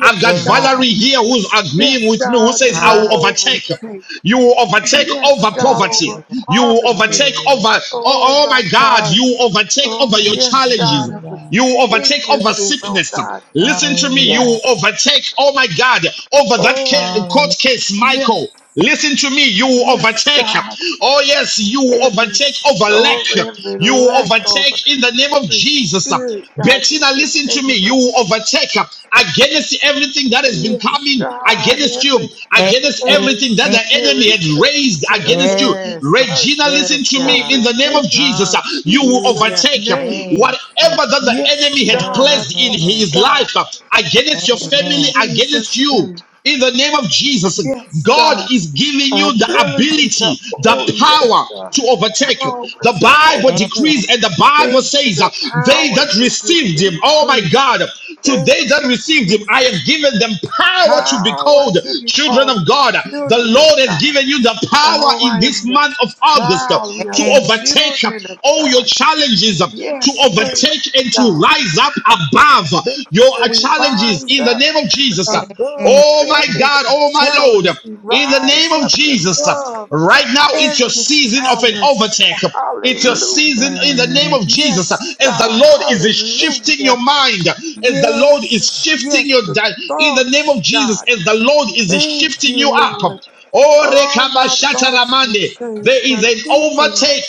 I've got
Amen.
God.
Valerie here who's
Yes,
agreeing with me, who
God,
says I
we'll
will
Hallelujah.
overtake.
overtake.
You will overtake
Yes,
over
God,
poverty.
over
You will
poverty.
overtake
Hallelujah.
over. Oh,
Oh
oh my
my
God!
God.
You will overtake
Oh
over your
yes, God,
challenges.
of the
Hallelujah.
You will overtake over
weaknesses, oh
sickness.
God.
Listen to me. You will
Hallelujah.
Yes.
overtake, oh my God, over that
Oh
ca- court
Hallelujah.
case,
yes.
Michael. Listen to me. You will
Yes,
overtake.
God.
Oh, yes, you will
Every
overtake over lack.
storm, every
You will
lack over,
overtake in the name of
every
Jesus.
spirit, God, in
Bettina,
the
listen to me.
name
You
of
will
Jesus.
overtake against everything that has been
Yes,
coming
God,
against you,
every
against
every
everything that the
Amen.
enemy
spirit,
had
every
raised against you.
generation of
Yes, God.
curse
Regina, listen
Yes,
to me. In
God.
the name of
overtaking in
Jesus, uh, you will
Jesus'
Hallelujah.
overtake
name.
Amen.
whatever that the
Yes,
enemy had
Amen.
God,
placed in
yes,
his
God.
life uh, against your
In
family,
Amen.
against
Jesus'
you.
name.
In the name of Jesus,
Yes,
God
God.
is giving you the
Ability to,
ability,
oh,
the
yes,
power
God.
to overtake.
Power
The
to
Bible
overtake.
Amen.
decrees and the Bible
Thank you.
says, uh,
The
They
power
that
to
received
get
him, oh my
increase.
God, to
Thank
they that
you,
received him, I
Jesus.
have given them power to be
Power
called
to be
children
called
of
the
God. The
children of
Lord has
God.
given you the power
Oh,
in
I
this
am the
month of August uh,
child. We are
to
the
Amen.
overtake uh,
children of
all your
God.
challenges, uh,
Yes,
to
thank
overtake
you,
and to
God.
rise up above uh,
Thank
your
you.
uh,
We
challenges
rise
in the
up
name of Jesus. uh.
above
Amen.
Oh my
every
God, oh my
challenge.
Lord
We
in the name
rise
of
up
Jesus. uh,
above.
Right now, it's your
every
season of an
challenge.
overtake. It's your
Hallelujah.
season in the name
Amen.
of Jesus. uh,
Yes,
As the
God.
Lord is shifting your
Hallelujah.
mind, as the Lord is
Yes,
shifting
yes,
your
the
di- in the name
thoughts,
of Jesus,
God.
as the Lord is
Thank
shifting you
you,
up.
Lord.
Oh,
Oh, my thoughts will
rekabashataramande.
change.
There
My
is an
thinking
overtake.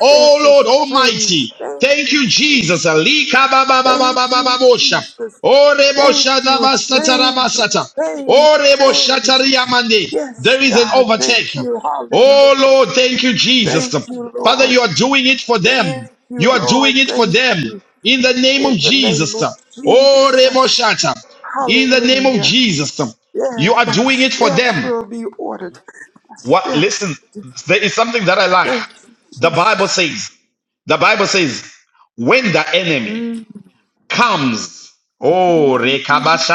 Oh Lord
change.
Almighty.
Thank
Thank you,
you,
Jesus.
Jesus. Thank you,
Likabababababababosha.
Jesus.
Oh,
Thank you. Change,
reboshadabasatarabasata.
change,
Oh, Rebo
change.
Shataria Mandi,
Yes,
there is an
God. Thank
overtake.
you.
Oh,
Hallelujah.
Lord, thank you, Jesus.
Thank you,
Father,
Lord.
you are doing it for
Thank
them.
you,
You are
Lord.
doing it for
Thank
them.
you.
In the name of
In the name
Jesus.
of
Oh, Rebo
Jesus.
Shata. In the name of
Hallelujah.
Jesus. You
Yeah,
are
my
doing it for
steps
them.
will be ordered. My
What?
steps.
Listen, there is something that I like.
Thank you,
The Bible
Jesus.
says, the Bible says, when the enemy
hmm
comes. Oh,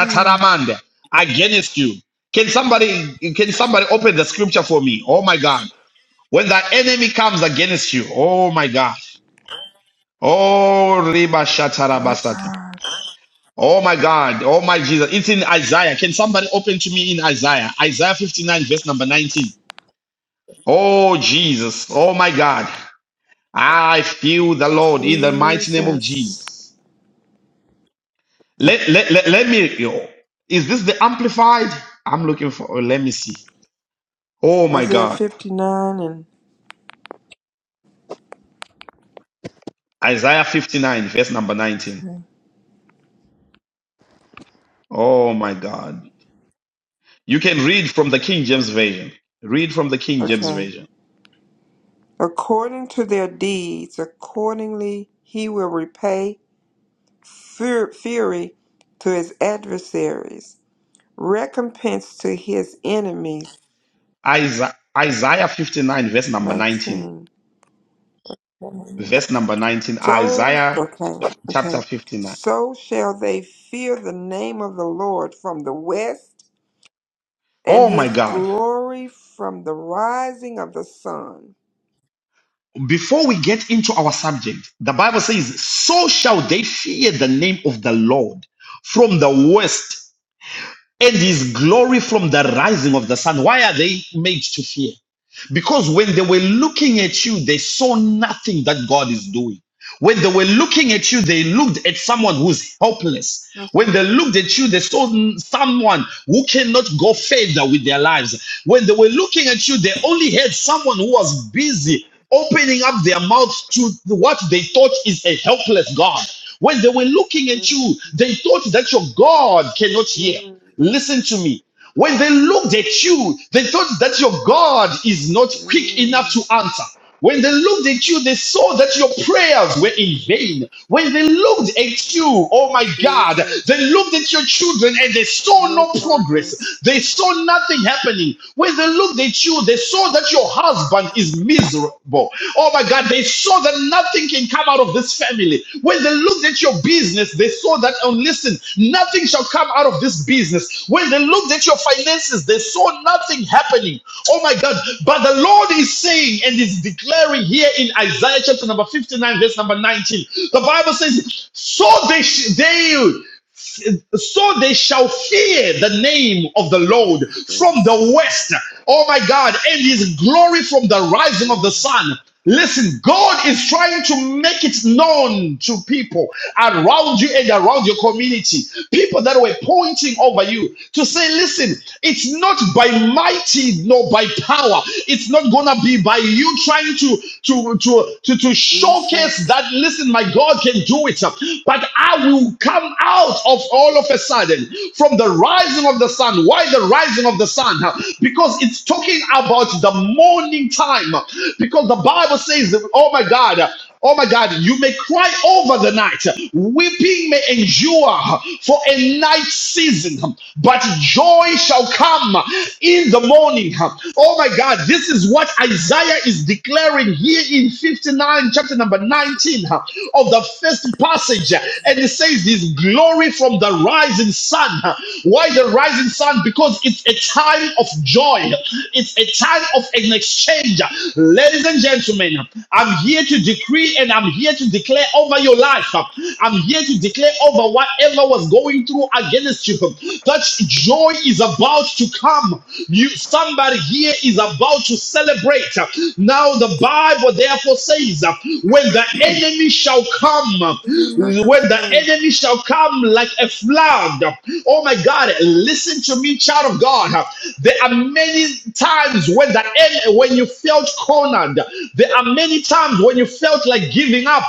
My
against you. Can somebody can somebody open the scripture for me? Oh my God. When the enemy comes against you, oh my gosh. Oh ribashatarabasata.
God.
Oh my God. Oh my Jesus. It's in Isaiah. Can somebody open to me in Isaiah? Isaiah 59, verse number 19. Oh Jesus. Oh my God. I feel the Lord in the mighty name of Jesus.
Jesus.
Let, let, let, let me. yo, Is this the amplified? I'm looking for. oh, Let me see. Oh my
Isaiah
God.
59 and
Isaiah 59, verse number 19.
okay.
Oh my God. You can read from the King James Version. Read from the King James
Okay.
Version.
According to their deeds, accordingly he will repay fur- fury to his adversaries recompense to his enemies.
Isa- Isaiah 59, verse number 19.
19.
Verse number 19,
So,
Isaiah
okay,
chapter
okay.
59.
So shall they fear the name of the Lord from the west and
Oh my
his
God.
glory from the rising of the sun.
Before we get into our subject, the Bible says, So shall they fear the name of the Lord from the west and his glory from the rising of the sun. Why are they made to fear? Because when they were looking at you, they saw nothing that God is doing. When they were looking at you, they looked at someone who's helpless.
That's
When
right.
they looked at you, they saw n- someone who cannot go further with their lives. When they were looking at you, they only had someone who was busy opening up their mouths to what they thought is a helpless God. When they were looking at you, they thought that your God cannot hear.
Mm,
Listen to me. When they looked at you, they thought that your God is not quick enough
mm,
to answer. When they looked at you, they saw that your prayers were in
mm.
vain. When they looked at you, oh my God,
Jesus,
they looked at your children and they saw
no
no progress.
progress
They saw nothing happening. When they looked at you, they saw that your husband is miserable. Oh my God, they saw that nothing can come out of this family family. When they looked at your business, they saw that, and listen, nothing shall come out of this business. When they looked at your finances, they saw nothing happening. Oh my God. But the Lord is saying and is declaring here in Isaiah chapter number 59, verse number 19. The Bible says, So they, sh- they so they shall fear the name of the
from
Lord
the
from
west.
the west. Oh my God, and his glory from the rising of
Mm,
the sun. Listen, God is trying to make it known to people around you and around your community. People that were pointing over you to say, listen, it's not by mighty nor by power. It's not gonna be by you trying to to to to, to showcase
Jesus,
that listen, my God can do it, but I will come out out of all of a sudden from the rising of the sun. Why the rising of the sun? Because it's talking about the morning time. Because the Bible says, oh my God, Oh my God, you may cry over the night. Weeping may endure for a night season, but joy shall come in the morning. Oh my God, this is what Isaiah is declaring here in 59, chapter number 19 of the first passage. And it says this glory from the rising sun. Why the rising sun? Because it's a time of joy, it's a time of an exchange. Ladies and gentlemen, I'm here to decree and I'm here to declare over your life. I'm here to declare over whatever was going through against you that joy is about to come. You somebody here is about to celebrate. Now the Bible therefore says when the enemy shall come,
you're like a
when the
flow.
enemy shall come like a flood. Oh my God, listen to me, child of God. There are many times when that when you felt cornered. There are many times when you felt like giving up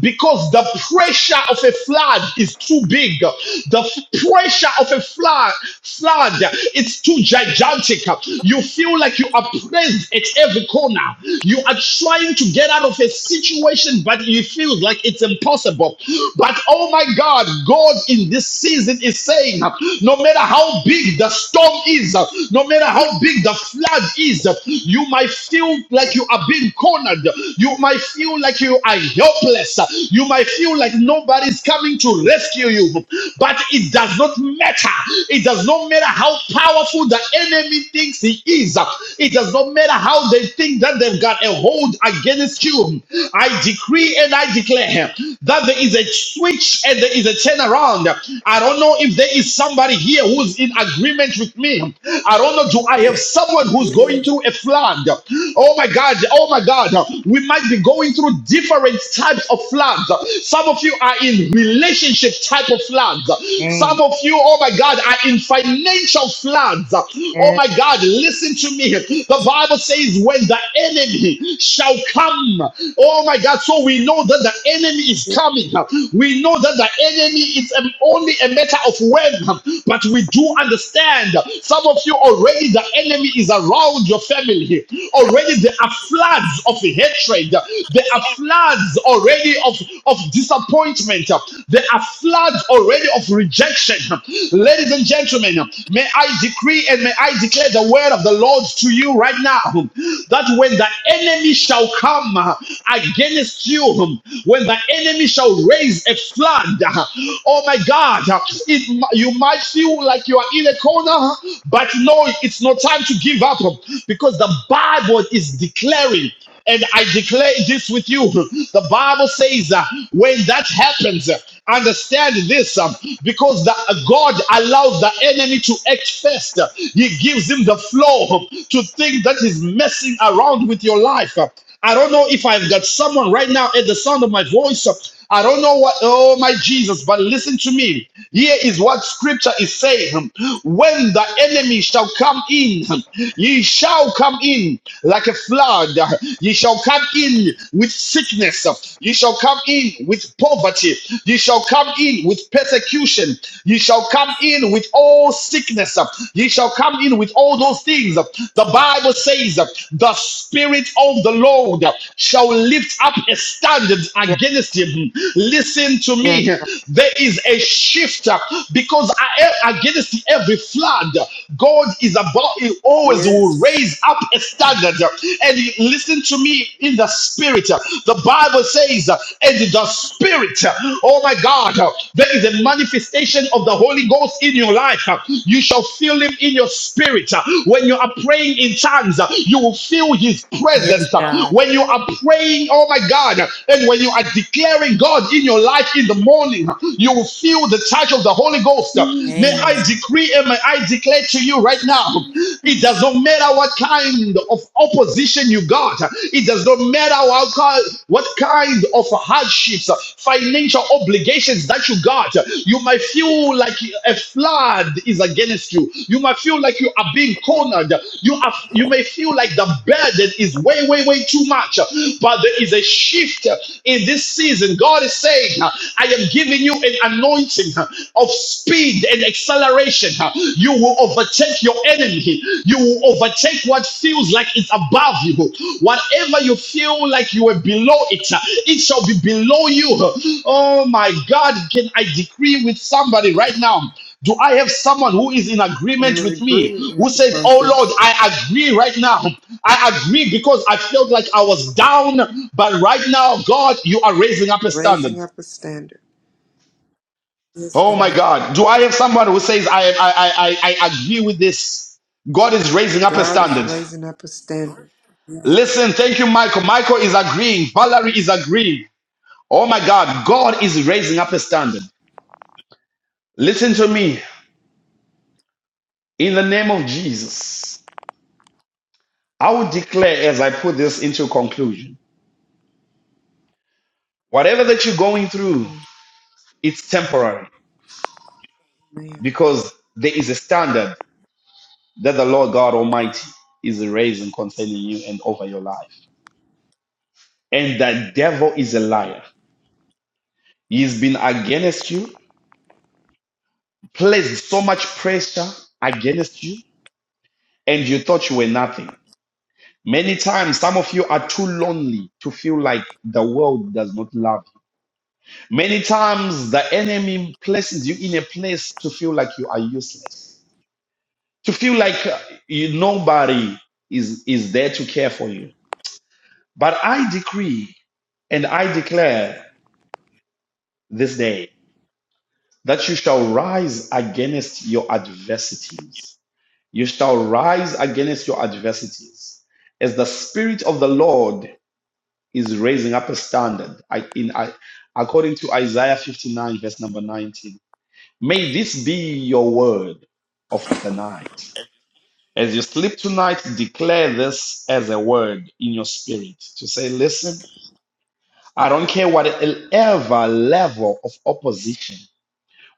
because the pressure of a flood is too big. The pressure of a flood, flood, it's too gigantic. You feel like you are pressed at every corner. You are trying to get out of a situation, but you feel like it's impossible. But oh my God. God, God in this season is saying, no matter how big the storm is, no matter how big the flood is, you might feel like you are being cornered. You might feel like you are helpless. You might feel like nobody's coming to rescue you. But it does not matter. It does not matter how powerful the enemy thinks he is. It does not matter how they think that they've got a hold against you. I decree and I declare that there is a switch and there there is a turnaround. I don't know if there is somebody here who's in agreement with me. I don't know. Do I have someone who's going
Yes,
through a flood? Oh my God. Oh my God. We might be going through different types of floods. Some of you are in relationship type of floods. Some
Amen.
of you, oh my God, are in financial floods. Oh my God. Listen to me. The Bible says, when the enemy shall come, oh my God. So we know that the enemy is coming. We know that the the enemy. It's um, only a matter of when, but we do understand. Some of you already, the enemy is around your family. Already, there are floods of hatred. There are floods already of, of disappointment. There are floods already of rejection. Ladies and gentlemen, may I decree and may I declare the word of the Lord to you right now that when the enemy shall come against you, when the enemy shall raise a flood hand. Oh my God, it, you might feel like you are in a corner, but no, it's no time to give up because the Bible is declaring. And I declare this with you. The Bible says uh, when that happens, uh, understand this um, because the, uh, God allows the enemy to act first. Uh, He gives him the floor to think that he's messing around with your life. Uh, I don't know if I've got someone right now at the sound of my voice. I don't know what, oh my Jesus, but listen to me. Here is what scripture is saying. When the enemy shall come in, ye shall come in like a flood.
Yes,
Ye shall come in with sickness. Ye shall come in with poverty. Ye shall come in with persecution. Ye shall come in with all sickness. Ye. Ye shall come in with all those things. The Bible says, The Spirit of the Lord shall lift up a standard
yes,
against him. Listen to
yes,
me.
God.
There is a shift because against every flood. God is about, He always will
yes,
raise up a standard. And listen to me in the Spirit. The Bible says, And the Spirit, oh, Oh my God, uh, there is a manifestation of the Holy Ghost in your life. uh, You shall feel Him in your spirit. uh, When you are praying in tongues, uh, you will feel His
Yes,
presence. uh,
God.
When you are praying, oh my God, uh, and when you are declaring God in your life in the morning, uh, you will feel the touch of the Holy Ghost. uh,
yes.
May I
Amen.
decree and may I declare to you right now it does not matter what kind of opposition you got. God. It does not matter how, what kind of hardships, financial obligations that you got. You might feel like a flood is against you. You might feel like you are being cornered. You are, you may feel like the burden is way, way, way too much. But there is a shift in this season. God is saying, I am giving you an anointing of speed and acceleration. You will overtake your enemy. You will overtake what feels like it's above you. Whatever you feel like you were below it, it shall be below you. Oh my God, can I decree with somebody right now? Do I have someone who is in
and
agreement
it
with me
agreed
who
with the
says, Oh
prophet,
Lord, I agree right now? I agree because I felt like I was down, but right now, God, you are raising up a standard.
raising up a standard. Yes,
Oh my
God.
God. Do I have someone who says, I, I, I, I I agree with this? God is raising up a
God is
standard.
raising up a standard. Yes,
Listen, thank you, Michael. Michael is agreeing. Valerie is agreeing. Oh my God. God is raising up a standard. Listen to me. In the name of Jesus, I will declare as I put this into conclusion whatever that you're going through, it's temporary
ma'am.
because there is a standard that the Lord God Almighty is raising concerning you and over your life. And the devil is a liar. He's been against you, placed so much pressure against you, and you thought you were nothing. Many times, some of you are too lonely to feel like the world does not love you. Many times, the enemy places you in a place to feel like you are useless, to feel like uh, you, nobody is, is there to care for you. But I decree and I declare this day that you shall rise against your adversities You shall rise against your adversities. As the Spirit of the Lord is raising up a standard, I, in, I, according to Isaiah 59, verse number 19. May this be your word of the night. As you sleep tonight, declare this as a word in your spirit to say, Listen, I don't care whatever level of opposition,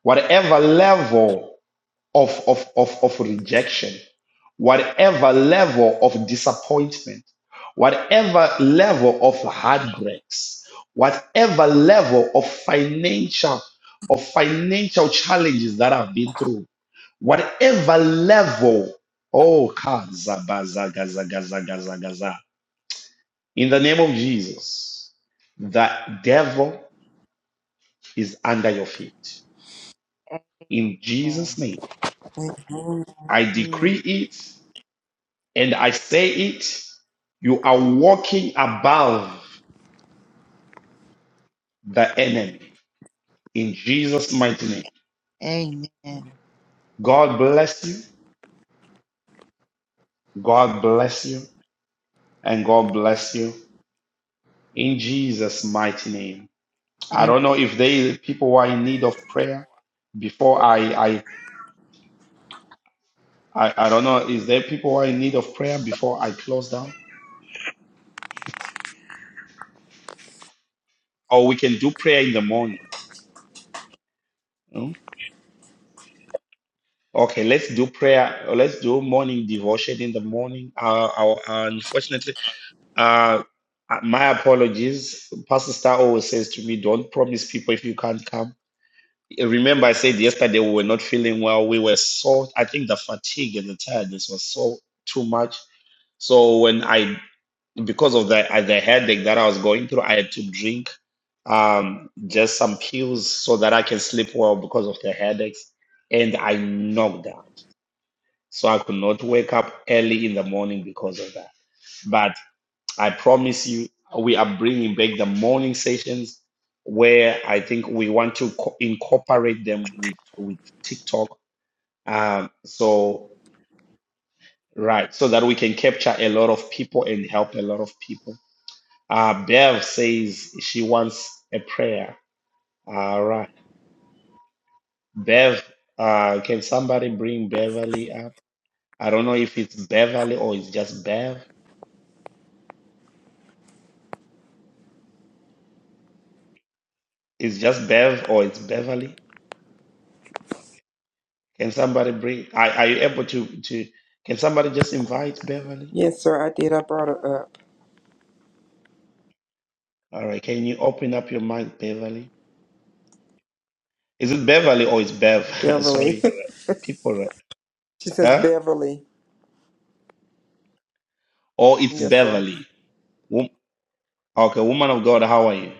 whatever level of, of, of, of rejection, whatever level of disappointment, whatever level of heartbreaks, whatever level of financial of financial challenges that I've been through, whatever level, oh kaza, baza, gaza, gaza, gaza, gaza. in the name of Jesus, the devil is under your feet. In
Amen.
Jesus' name,
Amen.
I
Yeah.
decree it And I say it, you are walking above the enemy in Jesus' mighty name.
Amen.
God bless you. God bless you. And God bless you in Jesus' mighty name. I
Amen.
don't know if there is people who are in need of prayer before I, I, I, I don't know, is there people who are in need of prayer before I close down? Or we can do prayer in the morning. hmm? Okay, let's do prayer. Let's do morning devotion in the morning. Uh, uh, unfortunately, Uh, my apologies. Pastor Star always says to me, "Don't promise people if you can't come." Remember, I said yesterday we were not feeling well. We were so. I think the fatigue and the tiredness was so too much. So when I, because of the uh, the headache that I was going through, I had to drink um, just some pills so that I can sleep well because of the headaches, and I knocked out. So I could not wake up early in the morning because of that. But I promise you, we are bringing back the morning sessions where I think we want to co- incorporate them with, with TikTok. Um, so, right, so that we can capture a lot of people and help a lot of people. Uh, Bev says she wants a prayer. All right. Bev, uh, can somebody bring Beverly up? I don't know if it's Beverly or it's just Bev. It's just Bev or it's Beverly. Can somebody bring? Are, are you able to to? Can somebody just invite Beverly?
Yes, sir, I did. I brought her up.
All right. Can you open up your mic, Beverly? Is it Beverly or it's Bev?
Beverly.
Sorry, people. right?
she says,
Huh?
Beverly.
Or it's
Yes, sir.
Beverly. Wom- Okay, woman of God, how are you?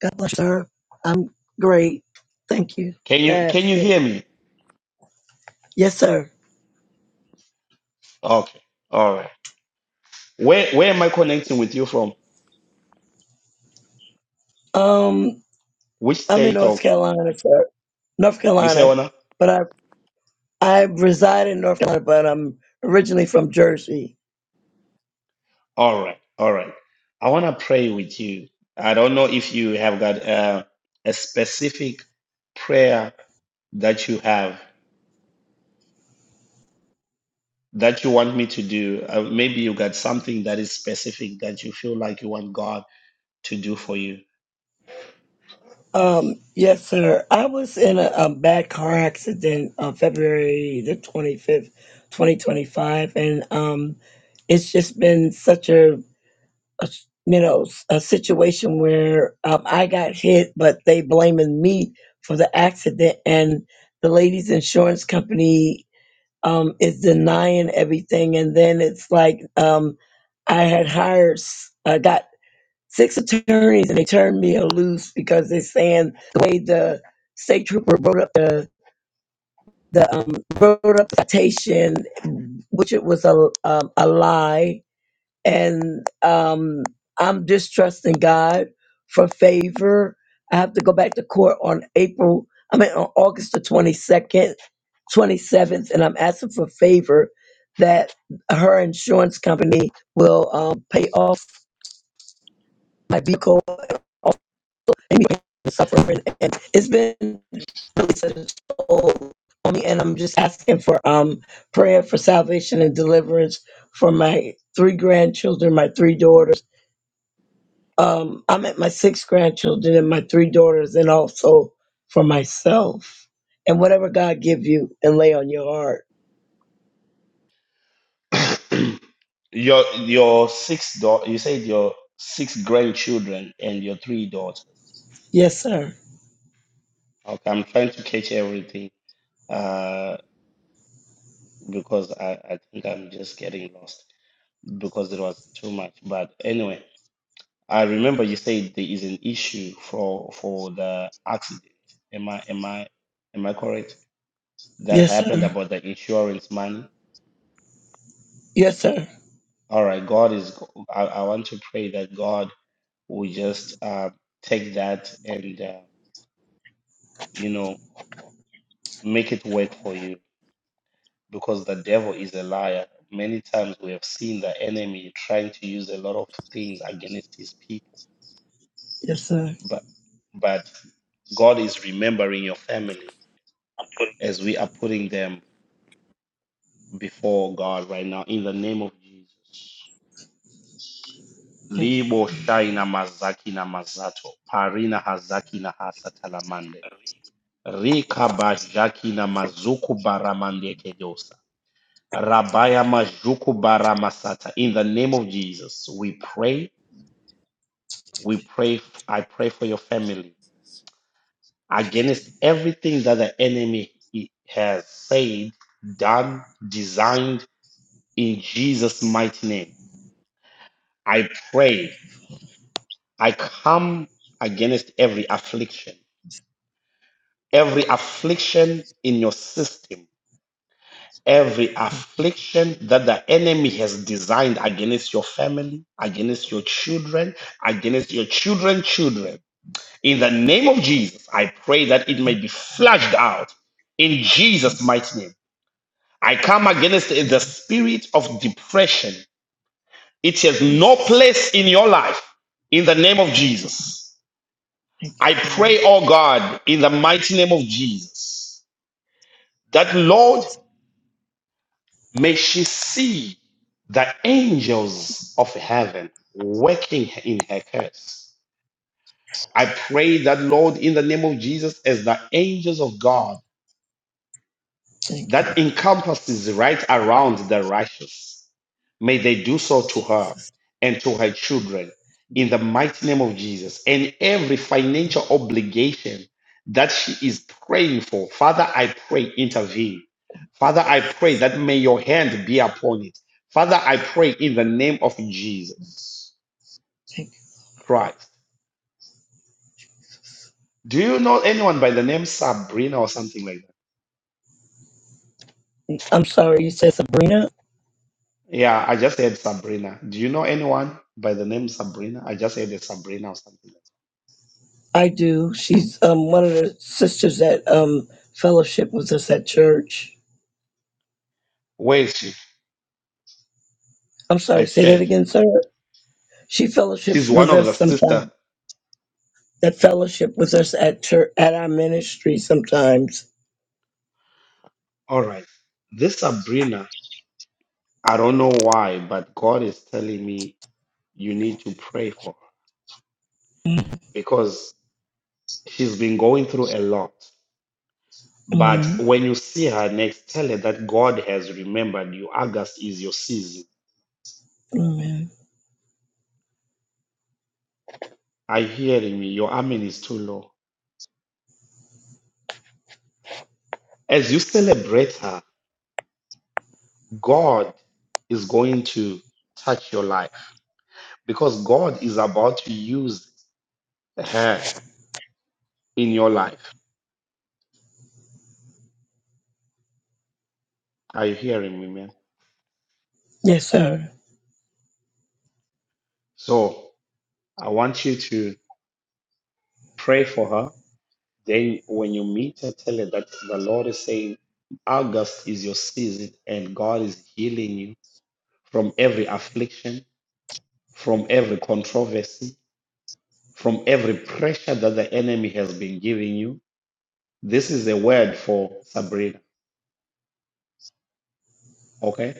God bless you, sir. I'm great. Thank you
Can
for
you can you
asking.
hear me?
Yes, sir.
Okay. All right. Where where am I connecting with you from?
Um,
Which
I'm in
state
North
or
Carolina, sir. North
you say
Carolina,
Ona?
but I I reside in North Carolina, but I'm originally from Jersey.
All right, all right. I want to pray with you. I don't know if you have got uh, a specific prayer that you have that you want me to do. Uh, maybe you got something that is specific that you feel like you want God to do for you.
Um, yes, sir. I was in a, a bad car accident on February the 25th, 2025, and um, it's just been such a a s- you know s- a situation where um, I got hit, but they blaming me for the accident, and the lady's insurance company um, is denying everything, and then it's like um, I had hired, s- I got six attorneys, and they turned me loose because they're saying the way the state trooper wrote up the the um, wrote up the citation, which it was a um, a lie and um, I'm just trusting God for favor. I have to go back to court on April, I mean, on August the 22nd, 27th, and I'm asking for favor that her insurance company will um, pay off my vehicle, off any suffering. And it's been really such a toll on me, and I'm just asking for um, prayer for salvation and deliverance for my three grandchildren, my three daughters. Um, I'm at my six grandchildren and my three daughters, and also for myself. And whatever God give you and lay on your heart.
your your six daughters. You said your six grandchildren and your three daughters.
Yes, sir.
Okay, I'm trying to catch everything uh, because I, I think I'm just getting lost because it was too much. But anyway, I remember you said there is an issue for for the accident. Am I am I am I correct? That
Yes,
happened
sir.
about the insurance money.
Yes, sir.
All right, God is. I, I want to pray that God will just uh, take that and uh, you know make it work for you because the devil is a liar many times we have seen the enemy trying to use a lot of things against his people
Yes, sir.
but but god is remembering your family as we are putting them before god right now in the name of jesus
Thank you.
libo shaina mazaki na mazato parina hazaki na hasatalamande Rika bajaki na mazuku baramande Rabaya Majuku Baramasata. In the name of Jesus, we pray. We pray. I pray for your family against everything that the enemy has said, done, designed in Jesus' mighty name. I pray. I come against every affliction, every affliction in your system every
Thank you.
affliction that the enemy has designed against your family, against your children, against your children's children. In the name of Jesus, I pray that it may
Thank
be flushed out in Jesus'
you.
mighty name. I come against
Thank
the
you.
spirit of depression. It has no
Jesus.
place in your life in the name of
Thank you.
Jesus.
Thank you,
I
Lord.
pray, oh God, in the mighty name of Jesus, that Lord, May she see the angels of heaven working in her case. I pray that, Lord, in the name of Jesus, as the angels of God
Thank you,
that encompasses right around the righteous. May they do so to her
Jesus.
and to her children in the mighty name of Jesus. And every financial obligation that she is praying for, Father, I pray, intervene. Father, I pray that may your hand be upon it. Father, I pray in the name of Jesus
Thank you.
Christ. Do you know anyone by the name Sabrina or something like that?
I'm sorry. You said Sabrina.
Yeah, I just heard Sabrina. Do you know anyone by the name Sabrina? I just heard a Sabrina or something.
I do. She's um one of the sisters that um fellowship with us at church.
Where is she?
I'm sorry.
At
Say that
church.
again, sir. She fellowships
She's one
with
of
us
the
sometimes.
sister.
that fellowship with us at church, at our ministry sometimes.
All right. This Sabrina, I don't know why, but God is telling me you need to pray for her
mm
because she's been going through a lot. But when you see her next, tell her that God has remembered you. August is your season.
Amen.
Are you hearing me? Your amen is too low. As you celebrate her. God is going to touch your life because God is about to use her in your life. Are you hearing me, man?
Yes, sir.
So I want you to pray for her. Then when you meet her, tell her that the Lord is saying, August is your season and God is healing you from every affliction, from every controversy, from every pressure that the enemy has been giving you. This is a word for Sabrina, okay?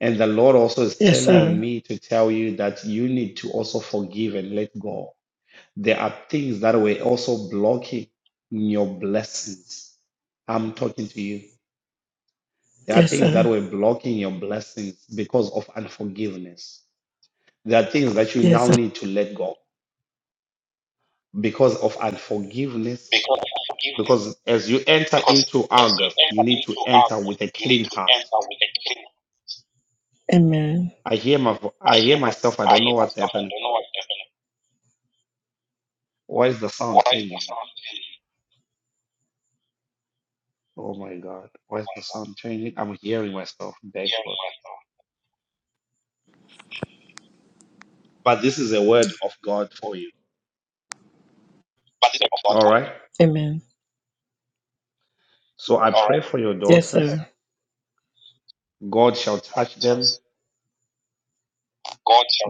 And the Lord also is
Yes,
telling
sir.
me to tell you that you need to also forgive and let go. There are things that were also blocking your blessings. I'm talking to you. There are
Yes,
things that
sir.
were blocking your blessings because of unforgiveness. There are things that you
Yes,
now
sir.
need to let go because of unforgiveness. Because as you enter into August, you need to enter with a clean heart.
Amen.
I hear my, vo- I hear myself. I don't know what's happening. Why is the sound changing? Oh my God, why is the sound changing? I'm hearing myself backward. But this is a word of God for you. All right.
Amen.
So I pray for your
Yes,
daughters.
sir.
God shall touch them.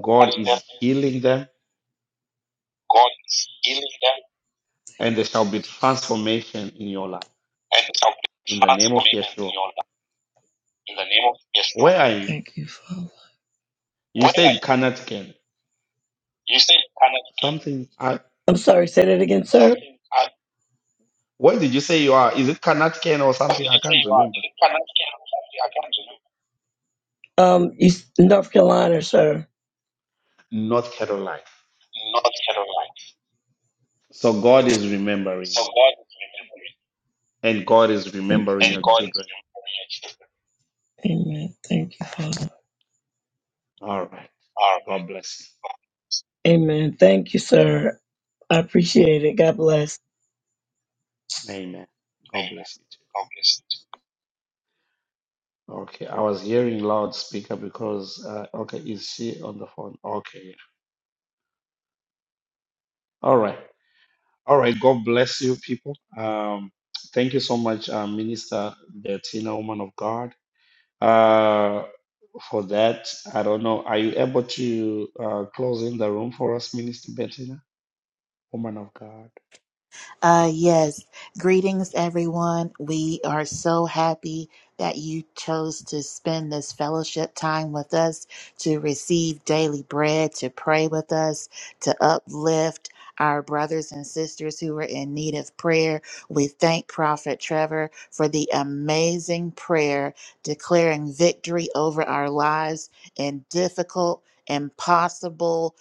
God is healing them, and there shall be transformation in your life. In the name of Yeshua. Where are you?
Thank you, Father.
You said Kanatken. Something. I,
I'm sorry. Say that again, sir. Uh,
where did you say you are? Is it Kanatken or something? I can't remember.
Um, East North Carolina, sir.
North Carolina. So God is remembering you, and God is
Thank you.
remembering
And
your
God.
children.
Amen. Thank you, Father.
All right. God bless.
Amen. Thank you, sir. I appreciate it. God bless.
you. Amen. God bless you too. Okay, I was hearing loudspeaker because uh, okay, is she on the phone? Okay, yeah. All right, all right. God bless you, people. Um, thank you so much, uh, Minister Bettina, woman of God, uh, for that. I don't know. Are you able to uh, close in the room for us, Minister Bettina, woman of God?
Uh, yes. Greetings, everyone. We are so happy that you chose to spend this fellowship time with us, to receive daily bread, to pray with us, to uplift our brothers and sisters who are in need of prayer. We thank Prophet Trevor for the amazing prayer declaring victory over our lives in difficult, impossible,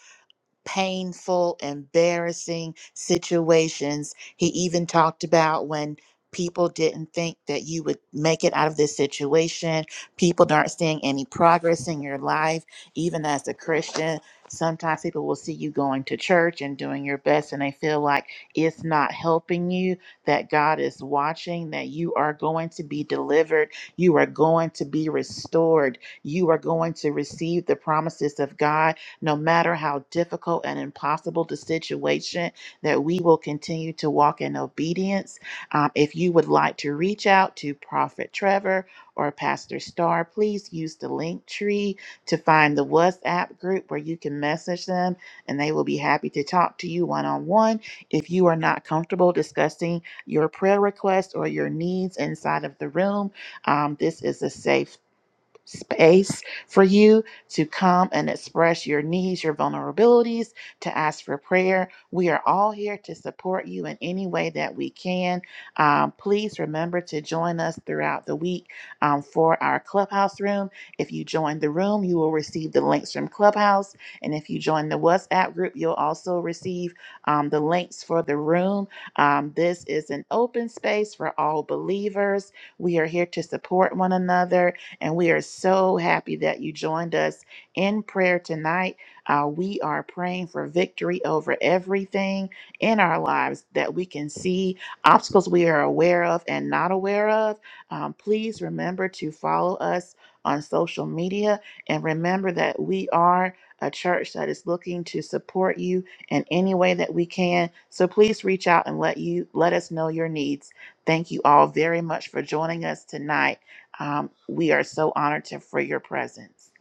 painful, embarrassing situations. He even talked about when people didn't think that you would make it out of this situation. People aren't seeing any progress in your life, even as a Christian. Sometimes people will see you going to church and doing your best, and they feel like it's not helping you, that God is watching, that you are going to be delivered, you are going to be restored, you are going to receive the promises of God no matter how difficult and impossible the situation, that we will continue to walk in obedience. Um, if you would like to reach out to Prophet Trevor or Pastor Star, please use the link tree to find the WhatsApp group where you can message them and they will be happy to talk to you one on one. If you are not comfortable discussing your prayer requests or your needs inside of the room, um, this is a safe space for you to come and express your needs, your vulnerabilities, to ask for prayer. We are all here to support you in any way that we can. Um, please remember to join us throughout the week um, for our clubhouse room. If you join the room, you will receive the links from Clubhouse. And if you join the WhatsApp group, you'll also receive um, the links for the room. Um, this is an open space for all believers. We are here to support one another and we are so happy that you joined us in prayer tonight. Uh, we are praying for victory over everything in our lives that we can see, obstacles we are aware of and not aware of. Um, please remember to follow us on social media and remember that we are a church that is looking to support you in any way that we can. So please reach out and let you let us know your needs. Thank you all very much for joining us tonight. Um, we are so honored to, for your presence.